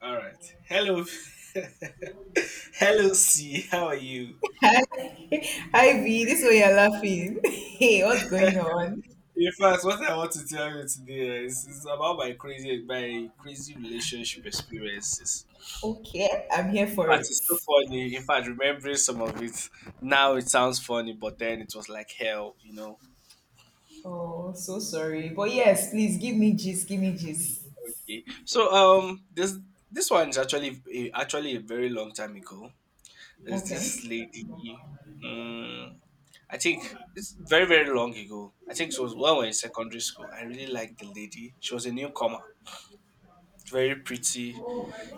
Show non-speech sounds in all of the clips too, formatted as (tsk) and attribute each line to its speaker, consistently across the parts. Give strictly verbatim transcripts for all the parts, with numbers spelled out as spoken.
Speaker 1: All right. Hello, (laughs) hello, C. How are you?
Speaker 2: (laughs) Ivy, this way you're laughing. (laughs) Hey, what's going on?
Speaker 1: In fact, what I want to tell you today is, is about my crazy, my crazy relationship experiences.
Speaker 2: Okay, I'm here
Speaker 1: In
Speaker 2: for
Speaker 1: fact,
Speaker 2: it.
Speaker 1: it's so funny. In fact, remembering some of it now, it sounds funny, but then it was like hell, you know.
Speaker 2: Oh, so sorry. But yes, please give me gist, give me gist.
Speaker 1: Okay. So, um, this this one is actually eh, actually a very long time ago. There's
Speaker 2: Okay.
Speaker 1: this lady. Um, I think it's very very long ago. I think it was when we were in secondary school. I really liked the lady. She was a newcomer, very pretty.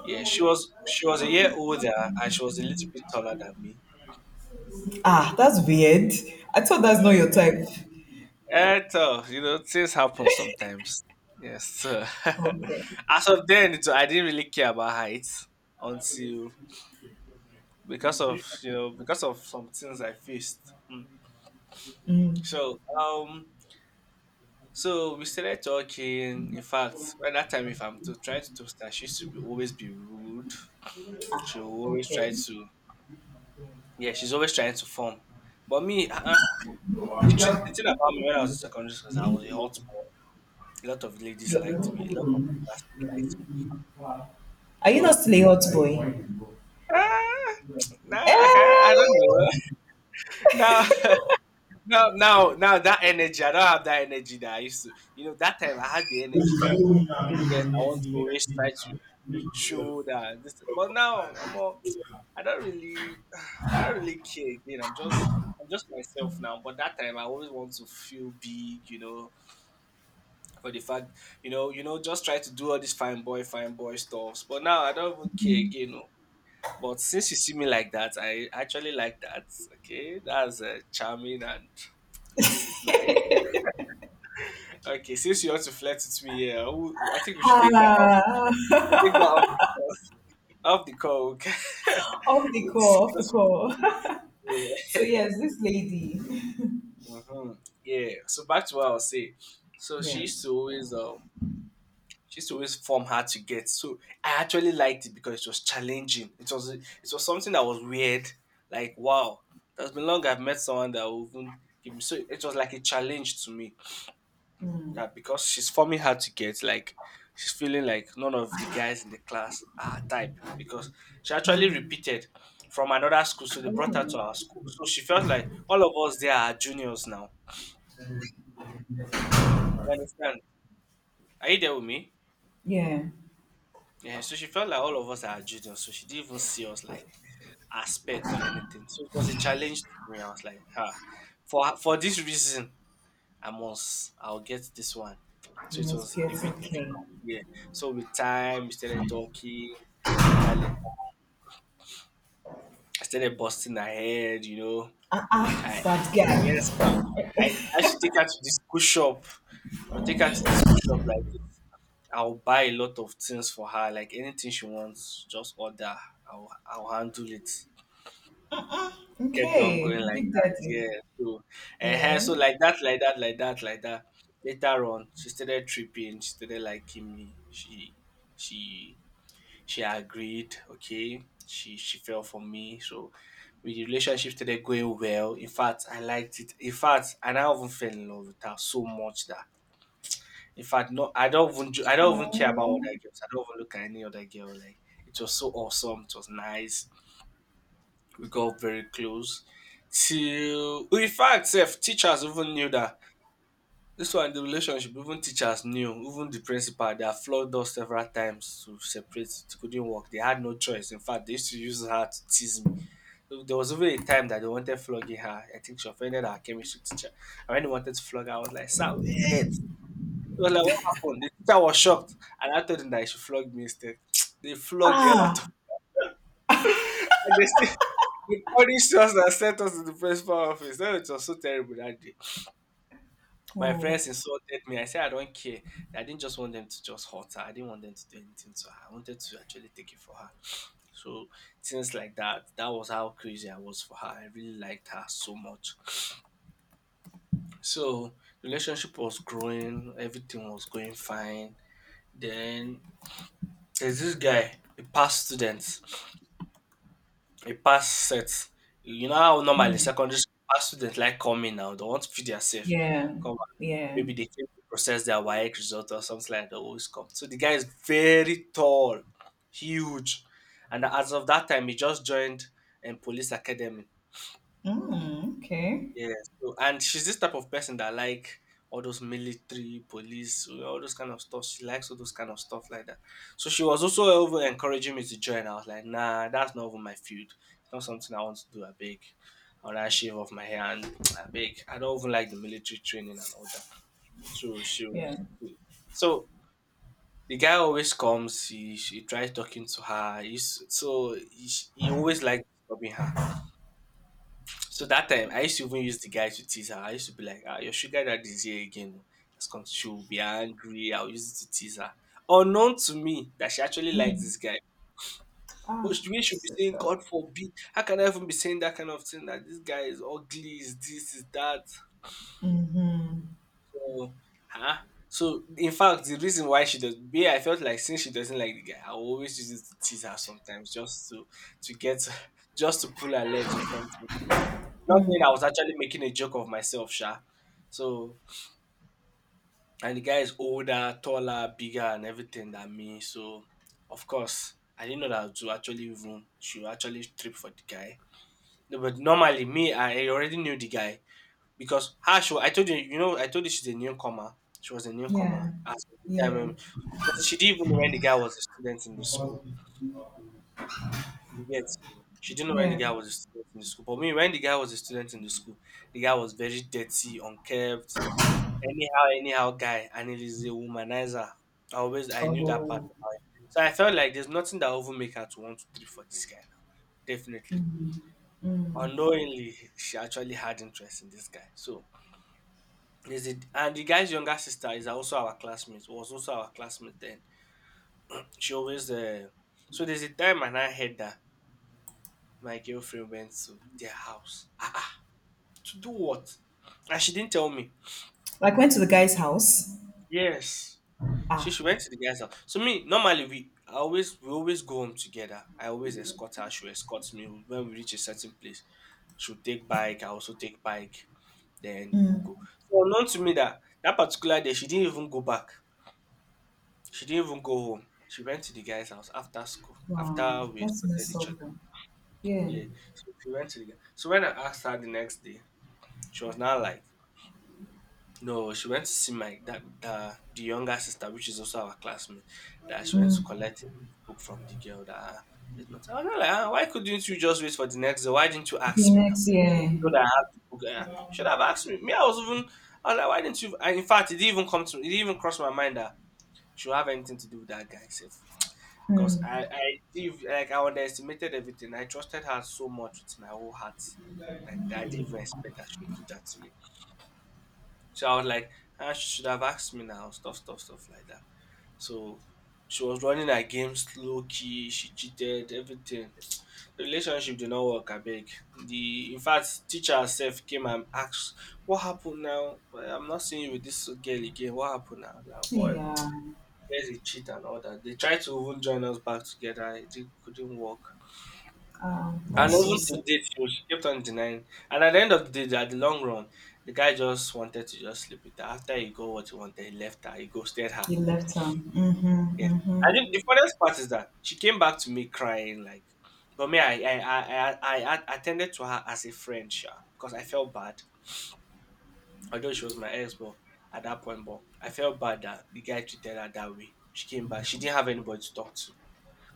Speaker 1: Yeah, she was she was a year older and she was a little bit taller than me.
Speaker 2: Ah, that's weird. I thought that's not
Speaker 1: Uh,
Speaker 2: your type.
Speaker 1: and so, you know, things happen sometimes. Yes. So
Speaker 2: Okay.
Speaker 1: (laughs) as of then, it- I didn't really care about height until because of you know because of some things I faced. Mm.
Speaker 2: Mm,
Speaker 1: So um So we started talking. In fact, by that time, if I'm to try to toast her, she used to be always be rude. She always try
Speaker 2: okay.
Speaker 1: to, yeah, she's always trying to form. But me, uh, the, thing, the thing about me when I was in secondary school is I was a hot boy. A lot of ladies liked me. A lot of my classmates liked me.
Speaker 2: Are you not
Speaker 1: So,
Speaker 2: still a hot
Speaker 1: (laughs)
Speaker 2: boy?
Speaker 1: ah,
Speaker 2: Eh,
Speaker 1: nah, I can't, I don't know. (laughs) now, now, now, now, that energy, I don't have that energy that I used to. You know, that time I had the energy that yes, I want to always try to show that this but now I'm all, I don't really (sighs) I don't really care again. I'm just I'm just myself now. But that time I always want to feel big, you know, for the fact, you know, you know, just try to do all this fine boy, fine boy stuffs. But now I don't even care again. Oh. But since you see me like that, I actually like that. Okay, that's uh, charming and it's it's nice. Okay, since you want to flirt with me, yeah, I will- I think we should take that off.
Speaker 2: ah, (laughs)
Speaker 1: Take that off. Off the coke.
Speaker 2: off
Speaker 1: (laughs)
Speaker 2: the
Speaker 1: We
Speaker 2: call, off the
Speaker 1: discussed.
Speaker 2: call. (laughs) So
Speaker 1: Yeah.
Speaker 2: yes, this lady.
Speaker 1: Hmm (laughs) yeah. So back to what I was saying. So she
Speaker 2: Yeah.
Speaker 1: used to always um she used to always form her to get. So I actually liked it because it was challenging. It was it was something that was weird. Like wow, that's been long I've met someone that will even give me. So it was like a challenge to me. That because she's forming hard to get, like she's feeling like none of the guys in the class are her type because she actually repeated from another school, so they brought her to
Speaker 2: Oh,
Speaker 1: our school. So she felt like all of us there are juniors now. You understand? Are you there with me?
Speaker 2: yeah.
Speaker 1: Yeah. So she felt like all of us are juniors, so she didn't even see us like aspect or anything. So it was a challenge to me. I was like, ah, for for this reason, I must, I'll get this one. So it
Speaker 2: Yes,
Speaker 1: was
Speaker 2: get
Speaker 1: a bit
Speaker 2: okay.
Speaker 1: difficult. Yeah. So with time, we started talking. Later, later, I started busting her head, you know.
Speaker 2: Ah,
Speaker 1: I
Speaker 2: ah, that
Speaker 1: yes
Speaker 2: guy.
Speaker 1: now. I, I should take her to the school shop. I'll take her to the school shop like this. I'll buy a lot of things for her, like anything she wants, just order. I'll I'll handle it. Kept on going
Speaker 2: Okay,
Speaker 1: like
Speaker 2: Big
Speaker 1: that.
Speaker 2: Daddy.
Speaker 1: Yeah. So, uh,
Speaker 2: Yeah.
Speaker 1: so like that, like that, like that, like that. Later on, she started tripping. She started liking me. She, she, she agreed. Okay. She, she fell for me. So, we the relationship started going well. In fact, I liked it. In fact, and I even fell in love with her so much that, in fact, no, I don't even, ju- I don't even care about other
Speaker 2: Oh.
Speaker 1: girls. I don't even look at any other girl. Like, it was so awesome. It was nice we got very close. Till in fact, self teachers even knew that this one the relationship. Even teachers knew, even the principal. They had flogged us several times to separate. It couldn't work. They had no choice. In fact, they used to use her to tease me. So, there was even a time that they wanted flogging her. I think she offended her chemistry teacher. And when they wanted to flog her, I was like, "Sir, wait!" It was like, "What happened?" The teacher was shocked, and I told him that he should flog me instead. (tsk) They flogged the hell out of.
Speaker 2: Ah.
Speaker 1: (laughs) And they still He punished us and sent us to the principal office. Oh, it was so terrible that day. My
Speaker 2: Oh.
Speaker 1: friends insulted me. I said, I don't care. I didn't just want them to just hurt her. I didn't want them to do anything to her. I wanted to actually take it for her. So, things like that. That was how crazy I was for her. I really liked her so much. So, relationship was growing. Everything was going fine. Then, there's this guy, a past student, a past set. You know how normally secondary school past students like coming now. They want to feed theirself.
Speaker 2: Yeah. Yeah.
Speaker 1: Maybe they came to process their WAEC result or something like that. They always come. So the guy is very tall, huge, and as of that time, he just joined um, police academy.
Speaker 2: Mm, okay.
Speaker 1: Yeah. So, and she's this type of person that like all those military, police, all those kind of stuff. She likes all those kind of stuff like that. So she was also over encouraging me to join. I was like, nah, that's not even my field. It's not something I want to do. I beg. I'll shave off my hair and (tsk) I beg. I don't even like the military training and all that. So she
Speaker 2: Yeah.
Speaker 1: was, so the guy always comes. He, he tries talking to her. He's, so he, he always likes disturbing her. So that time, I used to even use the guy to tease her. I used to be like, ah, your sugar daddy is here again. Has come. She will be angry. I'll use it to tease her. Unknown to me that she actually likes this guy. But
Speaker 2: Ah,
Speaker 1: she we should be
Speaker 2: says
Speaker 1: saying,
Speaker 2: that.
Speaker 1: God forbid. How can I even be saying that kind of thing? That this guy is ugly, is this, is that. So, huh? So in fact, the reason why she does, B, I felt like since she doesn't like the guy, I will always use it to tease her sometimes, just to to get, (laughs) just to pull her legs or something. Not that I was actually making a joke of myself, sha. So and the guy is older, taller, bigger, and everything than me. So of course, I didn't know that to actually even she would actually trip for the guy. No, but normally me, I already knew the guy. Because her she wa I told you you know, I told you she's a newcomer. She was a
Speaker 2: Yeah.
Speaker 1: newcomer at the time
Speaker 2: Yeah.
Speaker 1: when she doesn't she didn't even know when the guy was a student in the school. You get? She didn't know when the
Speaker 2: Yeah.
Speaker 1: guy was a student in the school. But me, when the guy was a student in the school, the guy was very dirty, unkempt, anyhow, anyhow guy, and it is a womanizer. I always I knew that part about
Speaker 2: Oh.
Speaker 1: him. So I felt like there's nothing that will even make her to want to three for this guy now. Definitely. Unknowingly, she actually had interest in this guy. So Is it and the guy's younger sister is also our classmate, was also our classmate then. She always uh, so there's a time and I heard that my girlfriend went to their house. Ah, ah, to do what? And she didn't tell me.
Speaker 2: Like, went to the guy's house?
Speaker 1: Yes. She
Speaker 2: Ah.
Speaker 1: she went to the guy's house. So me, normally we I always we always go home together. I always escort her, she escorts me. When we reach a certain place, she'll take bike, I also take bike, then we'll go. So unknown to me that that particular day she didn't even go back. She didn't even go home. She went to the guy's house after school,
Speaker 2: Wow.
Speaker 1: after we
Speaker 2: That's
Speaker 1: escorted
Speaker 2: messed
Speaker 1: each
Speaker 2: up.
Speaker 1: other.
Speaker 2: One. Yeah.
Speaker 1: Yeah. So she went to the guy. So when I asked her the next day, she was now like, no, she went to see my that the, the younger sister, which is also our classmate, that she went to collect a book from the girl that ah, there's not. I was not like, ah, why couldn't you just wait for the next day? Why didn't you
Speaker 2: The
Speaker 1: ask me now?
Speaker 2: next year.
Speaker 1: You know that I have the book. Eh? You should have asked me. Me, I was even I was like, why didn't you? And in fact, it didn't even come to. It didn't even cross my mind that she would have anything to do with that guy, safe. Because I
Speaker 2: Mm,
Speaker 1: I did like I underestimated everything. I trusted her so much with my whole heart, like that I didn't even expect that she would do that to me. So I was like, ah, she should have asked me now, stuff, stuff, stuff like that. So she was running her game slow key. She cheated everything. The relationship did not work. I beg. The in fact, teacher herself came and asked, "What happened now? Well, I'm not seeing you with this girl again. What happened now?" I was like, boy,
Speaker 2: yeah.
Speaker 1: there's a cheat and all that. They tried to even join us back together. It did, couldn't work. And
Speaker 2: That's so
Speaker 1: even to
Speaker 2: sad.
Speaker 1: date, she was- she kept on denying. And at the end of the day, at the long run, the guy just wanted to just sleep with her. After he got what he wanted, he left her. He ghosted her.
Speaker 2: He left her. Mm-hmm.
Speaker 1: Yeah.
Speaker 2: Mm-hmm.
Speaker 1: And then the funniest part is that she came back to me crying, like, but me, I I I I, I I attended to her as a friend, sure, because I felt bad. Although she was my ex, but at that point, but I felt bad that the guy treated her that way. She came back. She didn't have anybody to talk to,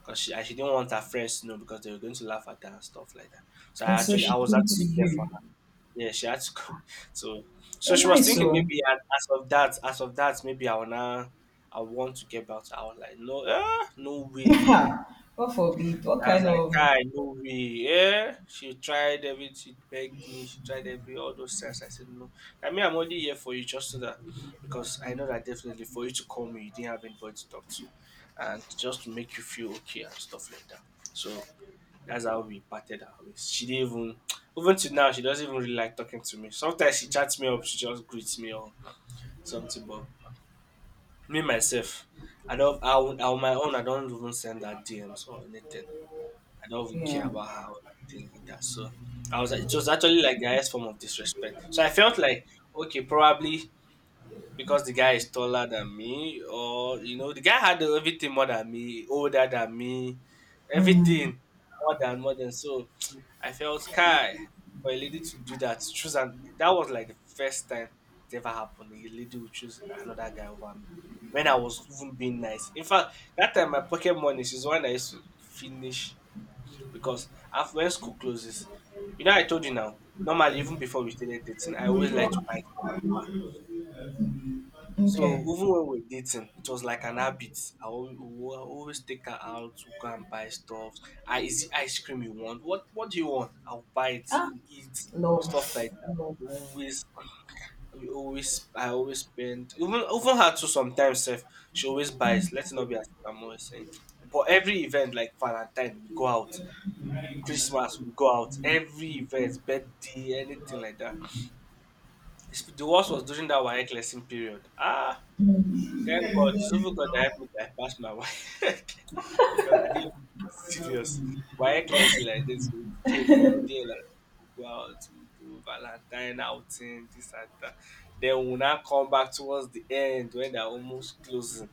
Speaker 1: because she and she didn't want her friends to know because they were going to laugh at her and stuff like that. So
Speaker 2: And
Speaker 1: I
Speaker 2: so
Speaker 1: actually
Speaker 2: she
Speaker 1: I was
Speaker 2: came to
Speaker 1: actually there for
Speaker 2: you.
Speaker 1: her. Yeah, she had to come. (laughs) So so
Speaker 2: You're
Speaker 1: she was
Speaker 2: nice,
Speaker 1: thinking
Speaker 2: oh.
Speaker 1: maybe as, as of that as of that maybe I wanna I want to get back to her. I was like, no eh, no way.
Speaker 2: (laughs) God forbid. What
Speaker 1: I was
Speaker 2: kind
Speaker 1: like,
Speaker 2: of?
Speaker 1: Kai, no way. Yeah. She tried everything, she begged me, she tried every all those things. I said no. I mean I'm only here for you just so that because I know that definitely for you to call me you didn't have anybody to talk to and just to make you feel okay and stuff like that. So that's how we parted our ways. She didn't even even to now she doesn't even really like talking to me. Sometimes she chats me up, she just greets me or something. But me myself, I don't. I on on my own, I don't even send her D Ms or anything. I don't even care
Speaker 2: Yeah.
Speaker 1: about her or anything like that. So I was. like, It was actually like the highest form of disrespect. So I felt like okay, probably because the guy is taller than me, or you know, the guy had everything more than me, older than me, everything more than more than so I felt Kai for a lady to do that, choose and that was like the first time it ever happened. A lady would choose another guy over me. When I was even being nice. In fact, that time my pocket money is when I used to finish because after when school closes, you know I told you now, normally even before we started dating, I always like to buy stuff for her. So
Speaker 2: Okay.
Speaker 1: even when we're dating, it was like an habit. I always, always take her out to go and buy stuff. I is it ice cream you want? What what do you want? I'll buy it.
Speaker 2: Ah,
Speaker 1: We eat stuff
Speaker 2: love.
Speaker 1: like that. We
Speaker 2: Love.
Speaker 1: always, we always, I always spend. Even even her too. Sometimes, sef, she always buys. Let's not be as if I'm always saying. But every event like Valentine, we go out. Christmas, we go out. Every event, birthday, anything like that. It's- The worst was during that WAEC lesson period. Ah Thank God, it's even God that helped me to I my wife (laughs) because I didn't even take it serious. My reckless like this will scale from there. Like we'll go out to do Valentine outing, this and that. Then we'll not come back towards the end when they're almost closing.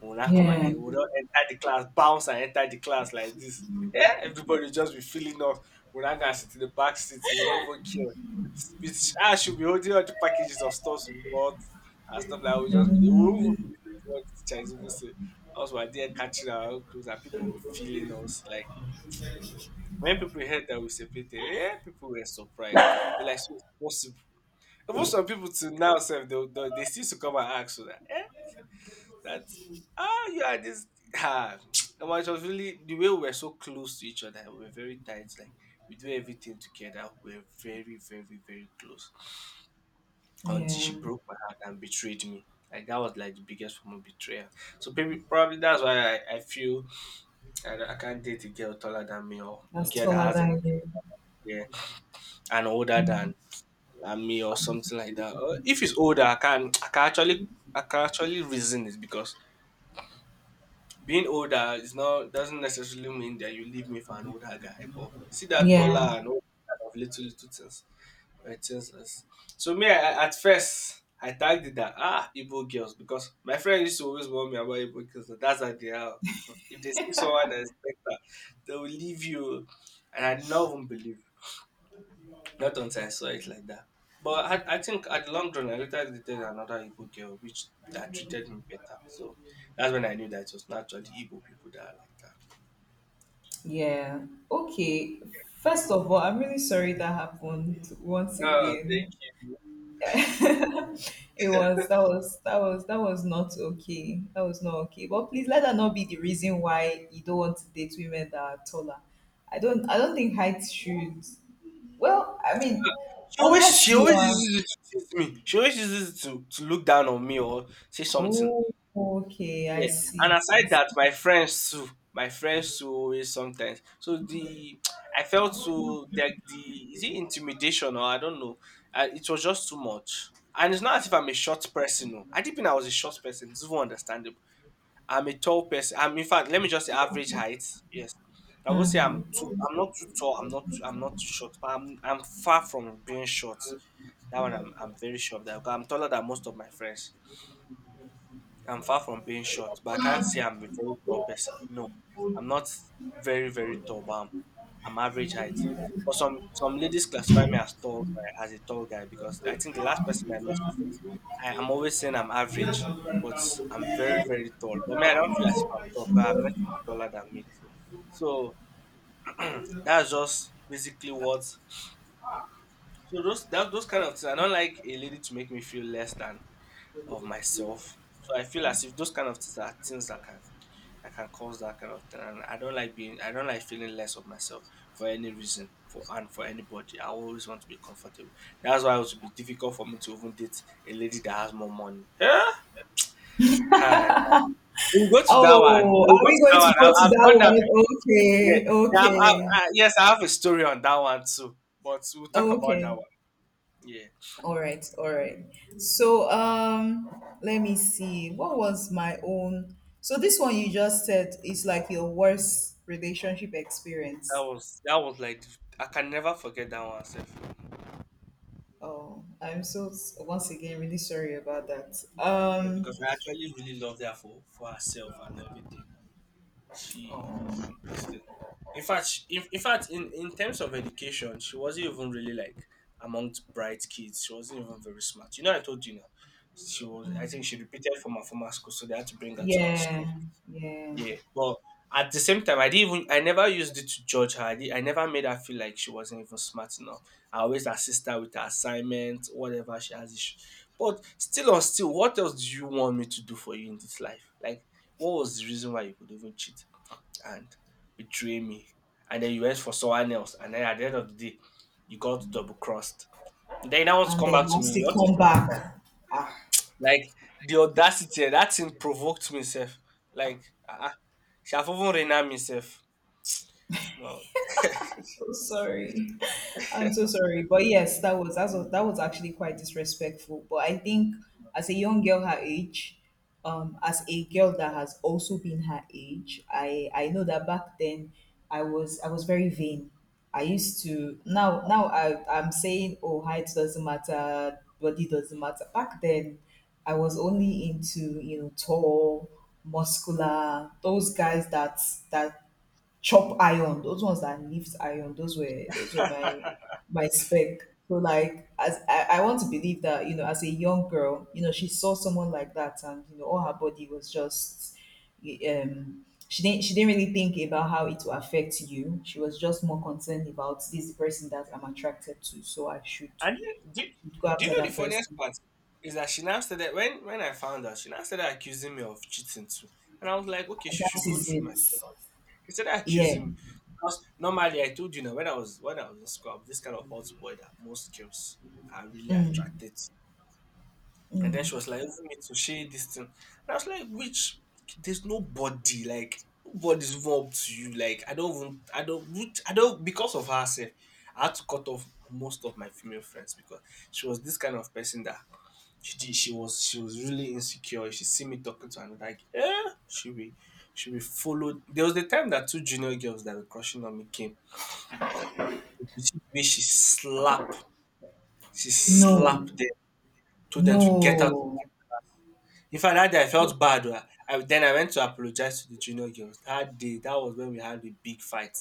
Speaker 1: We'll not come
Speaker 2: Yeah.
Speaker 1: and we'll not enter the class, bounce and enter the class like this. Yeah, everybody just be feeling off. We're not gonna sit in the back seats. We're not even care. It's, it's, I should be holding all the packages of stuff we bought and stuff like that. We'll just be there. We won't even be listening to what the Chinese people say. Us were there catching our own clothes and people will be feeling us. Like when people heard that we separated, yeah, people were surprised. They're like, so it's possible. Even some people to now self they they, they still to come and ask so that, eh, that's ah you are this (sighs) ah (tsk) well, it was really the way we were so close to each other, we were very tight, like we do everything together. We were very, very, very close. Until
Speaker 2: Yeah.
Speaker 1: she broke my heart and betrayed me. Like that was like the biggest form of betrayal. So maybe probably that's why I, I feel I, don't- I can't date a girl taller than me or a
Speaker 2: That's
Speaker 1: girl that
Speaker 2: taller
Speaker 1: has
Speaker 2: than
Speaker 1: anything
Speaker 2: you.
Speaker 1: yeah and older than, than me or something like that. Or if it's older, I can I can actually I can actually reason it because being older is not doesn't necessarily mean that you leave me for an older guy. But see that
Speaker 2: Yeah.
Speaker 1: taller and all kind of little little things. Righteousness. So me, I, at first, I tagged it that ah Igbo girls because my friend used to always warn me about Igbo girls. That that's how they are. If they see someone that is better, they will leave you. And I never even believe. Not until I saw it like that. But I, I think at the long run, I later dated another Igbo girl which that treated me better. So that's when I knew that it was not actually Igbo people that are like that.
Speaker 2: Yeah. Okay. First of all, I'm really sorry that happened once
Speaker 1: Oh, thank
Speaker 2: again.
Speaker 1: you.
Speaker 2: (laughs) It was that was that was that was not okay. That was not okay. But please let that not be the reason why you don't want to date women that are taller. I don't I don't think height should, well, I mean,
Speaker 1: She always
Speaker 2: unless
Speaker 1: she
Speaker 2: you
Speaker 1: always
Speaker 2: are,
Speaker 1: uses it to tease me. She always uses it to, to look down on me or say something.
Speaker 2: oh, okay, I
Speaker 1: Yeah, and
Speaker 2: see. I
Speaker 1: aside
Speaker 2: see.
Speaker 1: that, my friends too, my friends too always sometimes. So the I felt so that the is it intimidation or I don't know. Uh, it was just too much, and it's not as if I'm a short person. No, I didn't think I was a short person. It's even understandable. I'm a tall person. I'm in fact, let me just say average height. Yes, I won't say I'm too. I'm not too tall. I'm not. too, I'm not too short. But I'm. I'm far from being short. That one, I'm. I'm very sure of that. Because I'm taller than most of my friends. I'm far from being short, but I can't say I'm a very tall person. No, I'm not very, very tall, but I'm, I'm average height. But some, some ladies classify me as tall guy, as a tall guy because I think the last person I met, she I, I'm always saying I'm average, but I'm very, very tall. But me, I don't feel as if I'm tall because I met people taller than me too. So that's just basically what. So those that, those kind of things, I don't like a lady to make me feel less than of myself. So I feel as if those kind of things are things that can I can cause that kind of thing. And I don't like being I don't like feeling less of myself for any reason for and for anybody. I always want to be comfortable. That's why it would be difficult for me to even date a lady that has more money. Huh? Hi. We'll go to that one.
Speaker 2: Oh,
Speaker 1: We'll
Speaker 2: are
Speaker 1: go
Speaker 2: we
Speaker 1: to that
Speaker 2: going to
Speaker 1: one.
Speaker 2: go
Speaker 1: I,
Speaker 2: to
Speaker 1: I've
Speaker 2: that
Speaker 1: done that
Speaker 2: one?
Speaker 1: before. Yeah.
Speaker 2: Okay,
Speaker 1: Yeah I've, I've,
Speaker 2: okay,
Speaker 1: I, yes, I have a story on that one too. But we'll talk about that
Speaker 2: okay.
Speaker 1: one. Yeah.
Speaker 2: All right, all right. So um let me see. What was my own? So this one you just said is like your worst relationship
Speaker 1: That
Speaker 2: experience.
Speaker 1: was that was like I can never forget that one self.
Speaker 2: Oh, I'm so s- once again really sorry about that.
Speaker 1: Yeah,
Speaker 2: Um
Speaker 1: because I actually really loved her for, for herself and everything. she
Speaker 2: oh,
Speaker 1: she this thing. In fact, she, in, in fact, in, in terms of education, she wasn't even really like amongst bright kids. She wasn't even very smart. You know, I told you now. She was. I think she repeated from her former school, so they had to bring her to our
Speaker 2: yeah,
Speaker 1: school.
Speaker 2: yeah.
Speaker 1: Yeah. But at the same time, I didn't even. I never used it to judge her. I, did, I never made her feel like she wasn't even smart enough. I always assist her with her assignment, whatever she has issue. But still, on still, what else do you want me to do for you in this life? Like, what was the reason why you could even cheat? And betray me. And then you went for someone else. And then at the end of the day, you got double crossed. Then you now want to
Speaker 2: And
Speaker 1: come
Speaker 2: then
Speaker 1: back to me.
Speaker 2: once
Speaker 1: You
Speaker 2: they
Speaker 1: want to eat
Speaker 2: come
Speaker 1: your cake. and-
Speaker 2: back. Ah,
Speaker 1: Like the audacity, eh, that thing provoked me, self. Like, ah, uh, she have even renowned me, self. Well,
Speaker 2: so sorry. I'm so sorry, but yes, that was that was, that was actually quite disrespectful. But I think as a young girl her age, um, as a girl that has also been her age, I I know that back then I was I was very vain. I used to, now now I I'm saying, oh, height doesn't matter, body doesn't matter. Back then, I was only into, you know, tall, muscular, those guys that that chop iron. Those ones that lift iron, those were those were my my spec. So like as I, I want to believe that, you know, as a young girl, you know, she saw someone like that and you know all her body was just, um she didn't she didn't really think about how it will affect you. She was just more concerned about this is the person that I'm attracted to, so I should
Speaker 1: and do, do,
Speaker 2: go
Speaker 1: do you
Speaker 2: after
Speaker 1: know the
Speaker 2: that
Speaker 1: funniest
Speaker 2: person.
Speaker 1: part? Is that she now started, when, when I found out, she now started accusing me of cheating too. And I was like, okay, she should
Speaker 2: That
Speaker 1: go
Speaker 2: is
Speaker 1: through my phone.
Speaker 2: it.
Speaker 1: He said I accuse
Speaker 2: Yeah.
Speaker 1: him because normally I told you now when I was when I was in school. I'm this kind of hot boy that most girls are really attracted. to. And then she was like, "Even me to share this thing." And I was like, "Which? There's nobody, like nobody's even up to you. Like I don't even I don't which- I don't because of her. Self, I had to cut off most of my female friends because she was this kind of person that she did she was she was really insecure. She see me talking to her and like, eh, she be she be followed. There was the time that two junior girls that were crushing on me came. If you see the way she slap, she
Speaker 2: No.
Speaker 1: slapped them, told them to get out.
Speaker 2: No.
Speaker 1: In fact, that day I felt bad, oh. I, then I went to apologize to the junior girls. That day, that was when we had a big fight.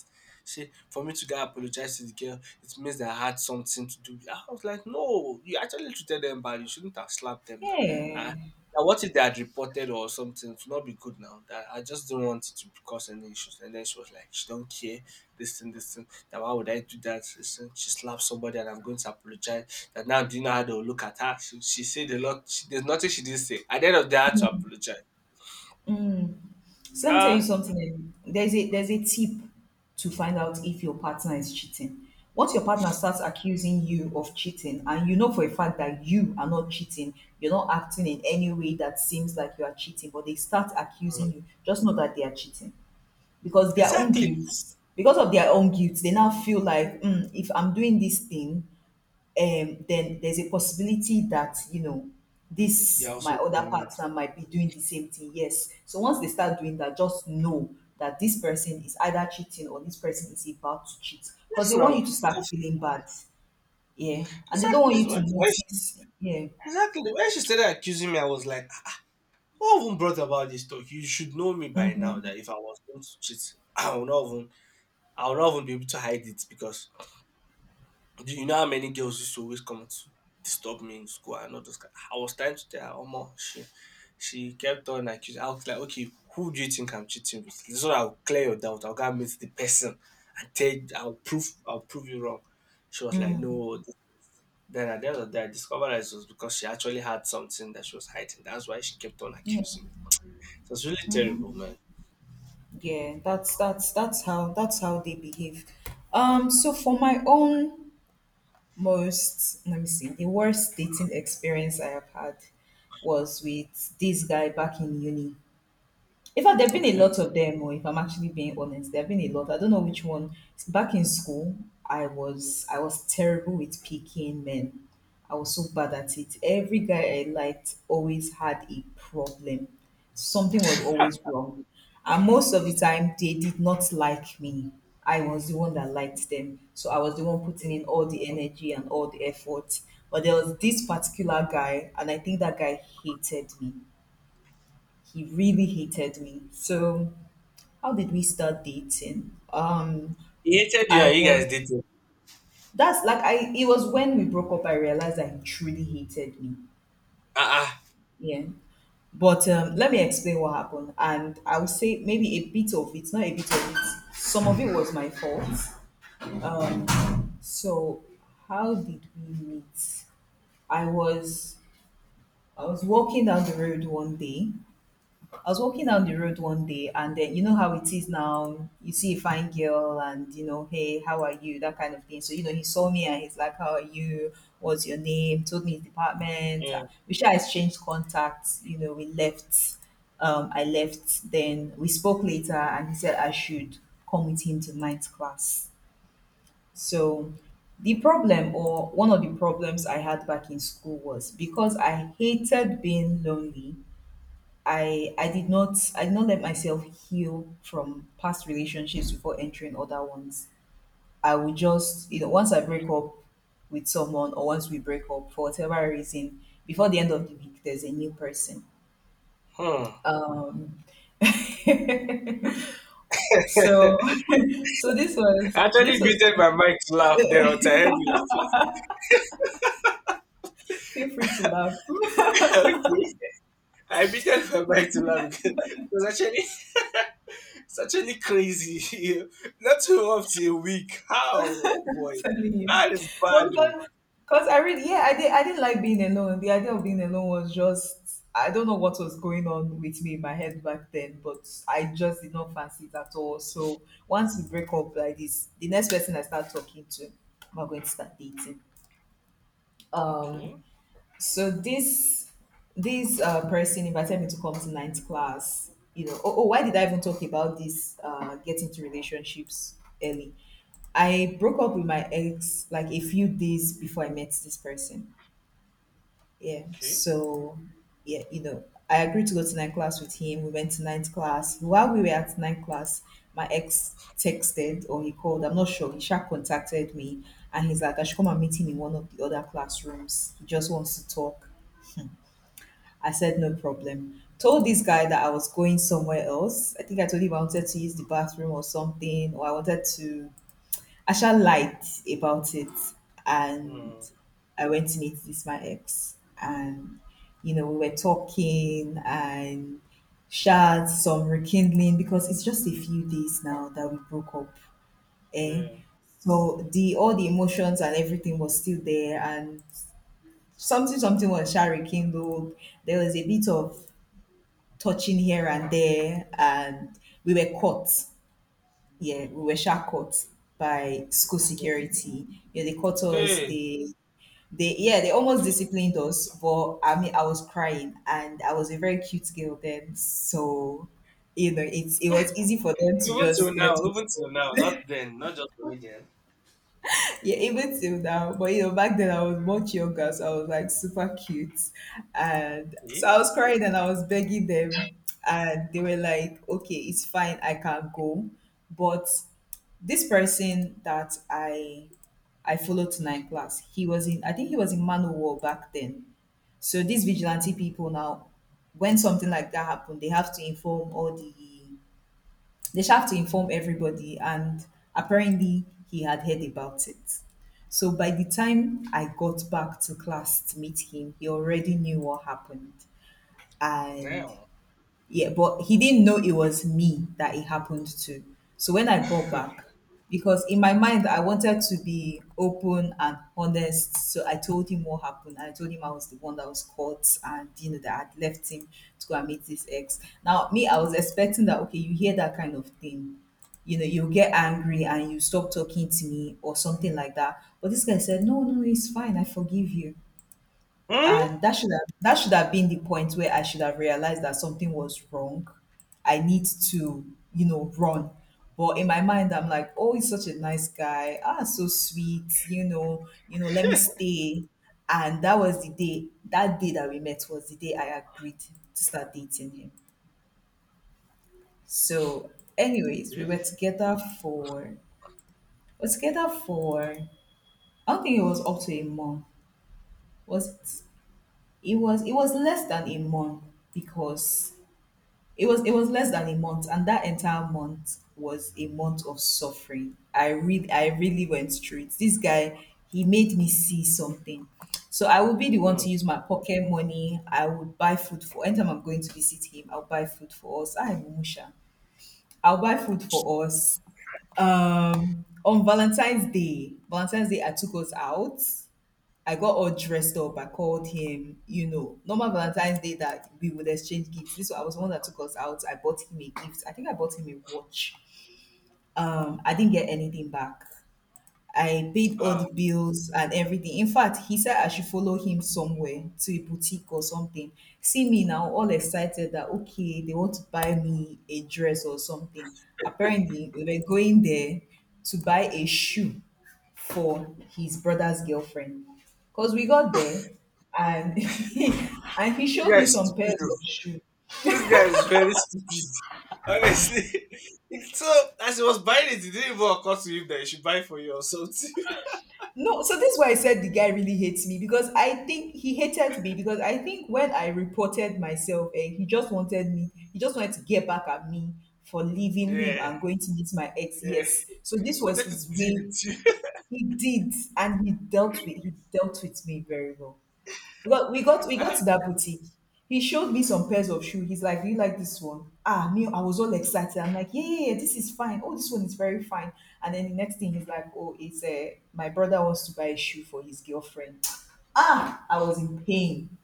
Speaker 1: She, for me to go apologize to the girl, it means that I had something to do. with- I was like, no, you actually treated them bad. You shouldn't have slapped them now. Uh,
Speaker 2: Yeah.
Speaker 1: Now what if they had reported or something? It would not be good now. That I just don't want it to cause any issues. And then she was like, she don't care. This thing, this thing. That why would I do that? This thing. She slapped somebody, and I'm going to apologize. That now do you know how they will look at her? She, she said a lot. She, there's nothing she didn't say. At the end of the day, I had to apologize.
Speaker 2: So let me tell you
Speaker 1: Ah.
Speaker 2: something. um, There's a there's a tip to find out if your partner is cheating. Once your partner starts accusing you of cheating, and you know for a fact that you are not cheating, you're not acting in any way that seems like you are cheating, but they start
Speaker 1: Mm.
Speaker 2: accusing you, just know that they are cheating because their own
Speaker 1: Exactly.
Speaker 2: guilt, because of their own guilt, they now feel like, "Hmm, if I'm doing this thing, um, then there's a possibility that you know
Speaker 1: Yeah,
Speaker 2: this my
Speaker 1: also
Speaker 2: other
Speaker 1: doing.
Speaker 2: partner might be doing the same thing." Yes. So once they start doing that, just know that this person is either cheating or this person is about to cheat because
Speaker 1: Yes,
Speaker 2: they want
Speaker 1: now
Speaker 2: you to start
Speaker 1: because
Speaker 2: feeling bad. Yeah, and they don't
Speaker 1: exactly
Speaker 2: want
Speaker 1: is
Speaker 2: you to
Speaker 1: when she,
Speaker 2: notice. Yeah.
Speaker 1: exactly when she started accusing me, I was like, "What even brought about this talk? You should know me by now that if I was going to cheat, I will not even I will not even be able to hide it, because do you know how many girls used to always come to disturb me in school and all those kind?" I was trying to tell her, Omo, she she kept on, like I was like, okay, who do you think I'm cheating with? So I'll clear your doubt. I'll go and meet the person and tell I'll prove I'll prove you wrong. She was like,
Speaker 2: Mm.
Speaker 1: no. Then at the end of the day, I discovered that it was because she actually had something that she was hiding. That's why she kept on accusing me. So it's really terrible, man.
Speaker 2: Yeah. That's that's that's how that's how they behave. Um. So for my own most, let me see, the worst dating experience I have had was with this guy back in uni. In fact, there have been a
Speaker 1: Okay.
Speaker 2: lot of them, or if I'm actually being honest, there have been a lot. I don't know which one. Back in school, I was I was terrible with picking men. I was so bad at it. Every guy I liked always had a problem. Something was always wrong. And most of the time they did not like me. I was the one that liked them. So I was the one putting in all the energy and all the effort. But there was this particular guy, and I think that guy hated me. He really hated me. So how did we start dating? Um,
Speaker 1: He hated you
Speaker 2: I
Speaker 1: and you guys
Speaker 2: was
Speaker 1: did it.
Speaker 2: that's like I it was when we broke up I realized that he truly hated me.
Speaker 1: Ah, uh
Speaker 2: Yeah. But um, let me explain what happened. And I would say maybe a bit of it, not a bit of it. Some of it was my fault. Um, so how did we meet? I was I was walking down the road one day. I was walking down the road one day, and then you know how it is now. You see a fine girl, and you know, hey, how are you? That kind of thing. So, you know, he saw me and he's like, "How are you? What's your name?" Told me his department. Uh,
Speaker 1: yeah.
Speaker 2: we sure exchanged contacts. You know, we left. Um, I left. Then we spoke later, and he said I should come with him to night class. So, the problem, or one of the problems I had back in school, was because I hated being lonely. I I did not I did not let myself heal from past relationships before entering other ones. I would just, you know, once I break up with someone or once we break up for whatever reason, before the end of the week there's a new person.
Speaker 1: Hmm.
Speaker 2: (laughs) So
Speaker 1: (laughs)
Speaker 2: (laughs) so this
Speaker 1: I
Speaker 2: was
Speaker 1: actually
Speaker 2: this was
Speaker 1: muted my mic to laugh there until I heard you laughing.
Speaker 2: feel free to laugh.
Speaker 1: (laughs) Okay. I muted my mic to laugh because it was actually (laughs) it's actually crazy. (laughs) You. Not too up to a week. How? Oh boy.
Speaker 2: Telling you.
Speaker 1: That is
Speaker 2: No,
Speaker 1: bad, oh.
Speaker 2: because, because I really, yeah, I did. I didn't like being alone. The idea of being alone was just, I don't know what was going on with me in my head back then, but I just did not fancy it at all. So once we break up like this, the next person I start talking to, we're going to start dating. Um,
Speaker 1: Okay.
Speaker 2: so this this uh, person invited me to come to ninth class. You know, oh, oh, why did I even talk about this? Uh, getting into relationships early. I broke up with my ex like a few days before I met this person. Yeah.
Speaker 1: Okay.
Speaker 2: So yeah, you know, I agreed to go to ninth class with him. We went to ninth class. While we were at ninth class, my ex texted or he called, I'm not sure, he sha contacted me and he's like, I should come and meet him in one of the other classrooms. He just wants to talk. I said, no problem. Told this guy that I was going somewhere else. I think I told him I wanted to use the bathroom or something, or I wanted to. I shall lied about it. And
Speaker 1: Mm,
Speaker 2: I went to meet this, my ex. And, you know, we were talking and shared some rekindling because it's just a few days now that we broke up. Eh?
Speaker 1: yeah.
Speaker 2: So the all the emotions and everything was still there, and something something was sha rekindled. There was a bit of touching here and there, and we were caught. Yeah, we were sharp caught by school security. Yeah, they caught us.
Speaker 1: Hey.
Speaker 2: They, they, yeah, they almost disciplined us. But I mean, I was crying, and I was a very cute girl then, so you know, it's it was easy for them to
Speaker 1: Even till
Speaker 2: just let
Speaker 1: now,
Speaker 2: us.
Speaker 1: even till now, not then, not just only then.
Speaker 2: Yeah, even till now. But you know, back then I was much younger, so I was like super cute. And
Speaker 1: Eh?
Speaker 2: so I was crying and I was begging them. And they were like, okay, it's fine, I can go. But this person that I I followed to nine class, he was in, I think he was in Manowar back then. So these vigilante people now, when something like that happened, they have to inform all the, they should have to inform everybody, and apparently he had heard about it. So by the time I got back to class to meet him, he already knew what happened. And
Speaker 1: Damn.
Speaker 2: yeah, but he didn't know it was me that it happened to. So when I got
Speaker 1: Hmm?
Speaker 2: back, because in my mind I wanted to be open and honest, so I told him what happened. I told him I was the one that was caught and you know that I'd left him to go and meet his ex. Now me, I was expecting that, okay, you hear that kind of thing. You know, you get angry and you stop talking to me or something like that. But this guy said, "No, no, it's fine, I forgive you," and that should have that should have been the point where I should have realized that something was wrong. I need to, you know, run. But in my mind, I'm like, oh, he's such a nice guy. Ah, so sweet. You know, you know, let me stay. And that was the day. That day that we met was the day I agreed to start dating him. So, anyways, we
Speaker 1: Eh?
Speaker 2: were together for we were together for I don't think it was up to a month. Was it? It was it was less than a month because It was it was less than a month, and that entire month was a month of suffering. I really I really went through it. This guy, he made me see something. So I would be the one
Speaker 1: Hmm.
Speaker 2: to use my pocket money. I would buy food for anytime I'm going to visit him, I'll buy food for us. I am Musha. I'll buy food for us. Um on Valentine's Day. Valentine's Day I took us out. I got all dressed up. I called him, you know, normal Valentine's Day that we would exchange gifts. This one, I was the one that took us out. I bought him a gift. I think I bought him a watch. Um, I didn't get anything back. I paid all
Speaker 1: Ah.
Speaker 2: the bills and everything. In fact, he said I should follow him somewhere to a boutique or something. See me now, all excited that okay, they want to buy me a dress or something. Apparently, we were going there to buy a shoe for his brother's girlfriend. Because we got there and (laughs) and he
Speaker 1: You
Speaker 2: showed me
Speaker 1: guys
Speaker 2: some pairs of
Speaker 1: stupid.
Speaker 2: shoes.
Speaker 1: This guy is very stupid. (laughs) Honestly. (laughs) So as he was buying it, it didn't even occur to him that he should buy for you or something. (laughs)
Speaker 2: No, so this is why I said the guy really hates me because I think he hated me because I think when I reported myself, eh, he just wanted me, he just wanted to get back at me for leaving him
Speaker 1: Yeah,
Speaker 2: and going to meet my ex.
Speaker 1: yeah.
Speaker 2: Yes.
Speaker 1: I
Speaker 2: So this was
Speaker 1: wanted to
Speaker 2: his
Speaker 1: deal with
Speaker 2: way.
Speaker 1: you.
Speaker 2: He did, and he dealt with he dealt with me very well. We got we got we got
Speaker 1: (laughs)
Speaker 2: to that boutique. He showed me some pairs of shoes. He's like, do you like this one? Ah, me, I was all excited. I'm like, yeah, yeah, yeah, this is fine. Oh, this one is very fine. And then the next thing he's like, oh, it's uh, my brother wants to buy a shoe for his girlfriend. (tsk) Ah, I was in pain.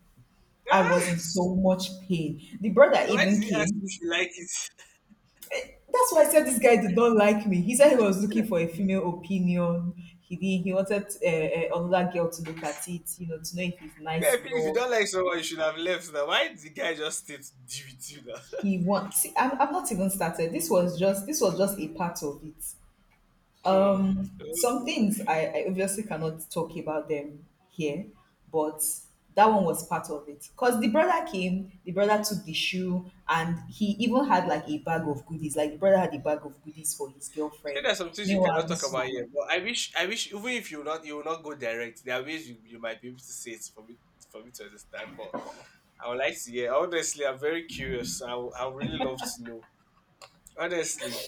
Speaker 2: I was
Speaker 1: Ah,
Speaker 2: in so much pain. The brother
Speaker 1: so why did
Speaker 2: even
Speaker 1: he ask you
Speaker 2: came.
Speaker 1: if you like it?
Speaker 2: That's why I said this guy did not like me. He said he was looking for a female opinion. He did, he wanted uh, uh, another girl to look at it, you know, to know if it's
Speaker 1: Yeah, I
Speaker 2: nice
Speaker 1: feel if you
Speaker 2: enough.
Speaker 1: don't like someone, you should have left now. Why did the guy just stay to deal with you now?
Speaker 2: He wants see I'm, I've not even started this was just this was just a part of it,
Speaker 1: (laughs) Hmm.
Speaker 2: um some
Speaker 1: Okay.
Speaker 2: things I, I obviously cannot talk about them here, but that one was part of it because the brother came, the brother took the shoe and he even had like a bag of goodies, like the brother had a bag of goodies for his
Speaker 1: You said
Speaker 2: girlfriend,
Speaker 1: there are some things you cannot
Speaker 2: meanwhile
Speaker 1: talk
Speaker 2: this
Speaker 1: about here,
Speaker 2: one.
Speaker 1: but I wish, I wish, even if you will not, you will not go direct. There are ways you, you might be able to say it for me, for me to understand. But I would like to hear. Honestly, I'm very curious. I would- I would really love to know. Honestly.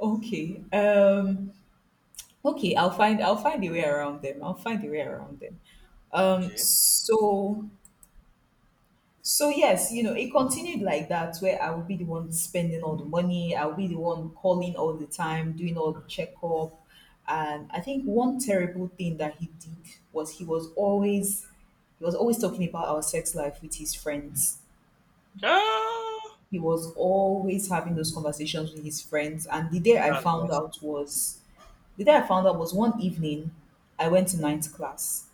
Speaker 2: Okay, um okay, i'll find i'll find a way around them, I'll find a way around them. um
Speaker 1: Okay.
Speaker 2: so so yes, you know, it continued like that where I would be the one spending all the money, I would be the one calling all the time, doing all the checkup. And I think one terrible thing that he did was he was always he was always talking about our sex life with his friends.
Speaker 1: Ah,
Speaker 2: He was always having those conversations with his friends. And the day I
Speaker 1: that's
Speaker 2: found
Speaker 1: messed.
Speaker 2: out was the day I found out was one evening I went to ninth class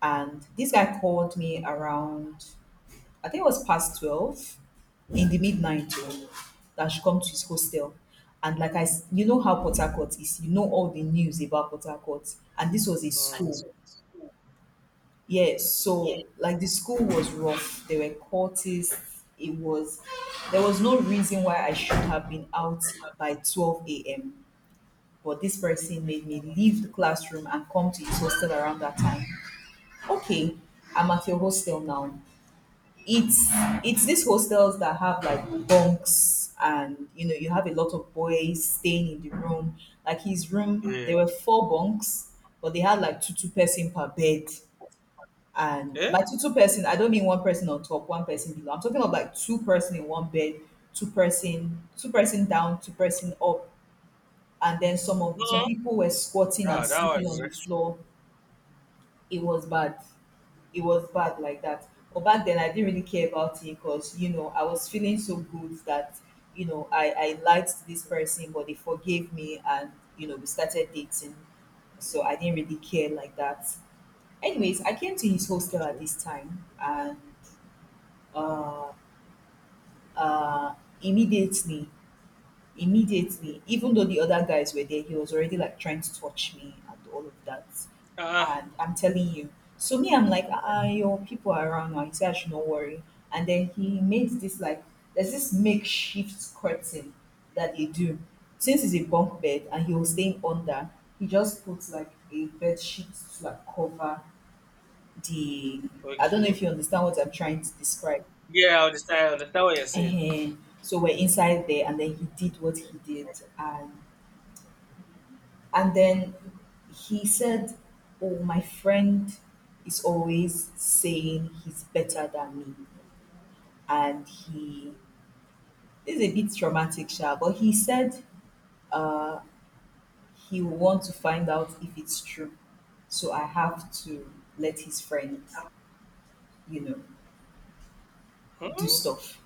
Speaker 2: and this guy called me around, I think it was past twelve in the midnight. Oh, that she come to his hostel. And like I, s- you know how Port Harcourt is. You know all the news about Port Harcourt. And this was a
Speaker 1: Mm,
Speaker 2: school. Yeah, so like the school was rough. There were cultists. It was, there was no reason why I should have been out by twelve a m. But this person made me leave the classroom and come to his hostel around that time. Okay, I'm at your hostel now. it's it's these hostels that have like bunks and you know you have a lot of boys staying in the room, like his room
Speaker 1: yeah.
Speaker 2: there were four bunks, but they had like two two person per bed, and
Speaker 1: Yeah.
Speaker 2: by two two person I don't mean one person on top one person below, I'm talking of like two person in one bed, two person two person down, two person up, and then some of some
Speaker 1: No.
Speaker 2: people were squatting and
Speaker 1: Ah, that
Speaker 2: sleeping
Speaker 1: was
Speaker 2: on the
Speaker 1: extra.
Speaker 2: floor. It was bad, it was bad like that. But back then, I didn't really care about it because you know I was feeling so good that you know I I liked this person, but they forgave me, and you know we started dating. So I didn't really care like that. Anyways, I came to his hostel
Speaker 1: Okay.
Speaker 2: at this time, and uh, uh, immediately immediately, even though the other guys were there, he was already like trying to touch me and all of that.
Speaker 1: Ah.
Speaker 2: And I'm telling you. So me, I'm like, ah, ah, your people are around now. He said I should not worry. And then he made this like, there's this makeshift curtain that they do. Since it's a bunk bed and he was staying under, he just puts like a bed sheet to like cover the, I don't know
Speaker 1: Okay.
Speaker 2: if you understand what I'm trying to describe.
Speaker 1: Yeah, I understand. I understand what you're saying.
Speaker 2: Ehen. So we're inside there and then he did what he did, and And then he said, oh, my friend is always saying he's better than me. And he, this is a bit traumatic, Sha, but he said uh, he will want to find out if it's true. So I have to let his friend, you know, do
Speaker 1: Hmm?
Speaker 2: stuff.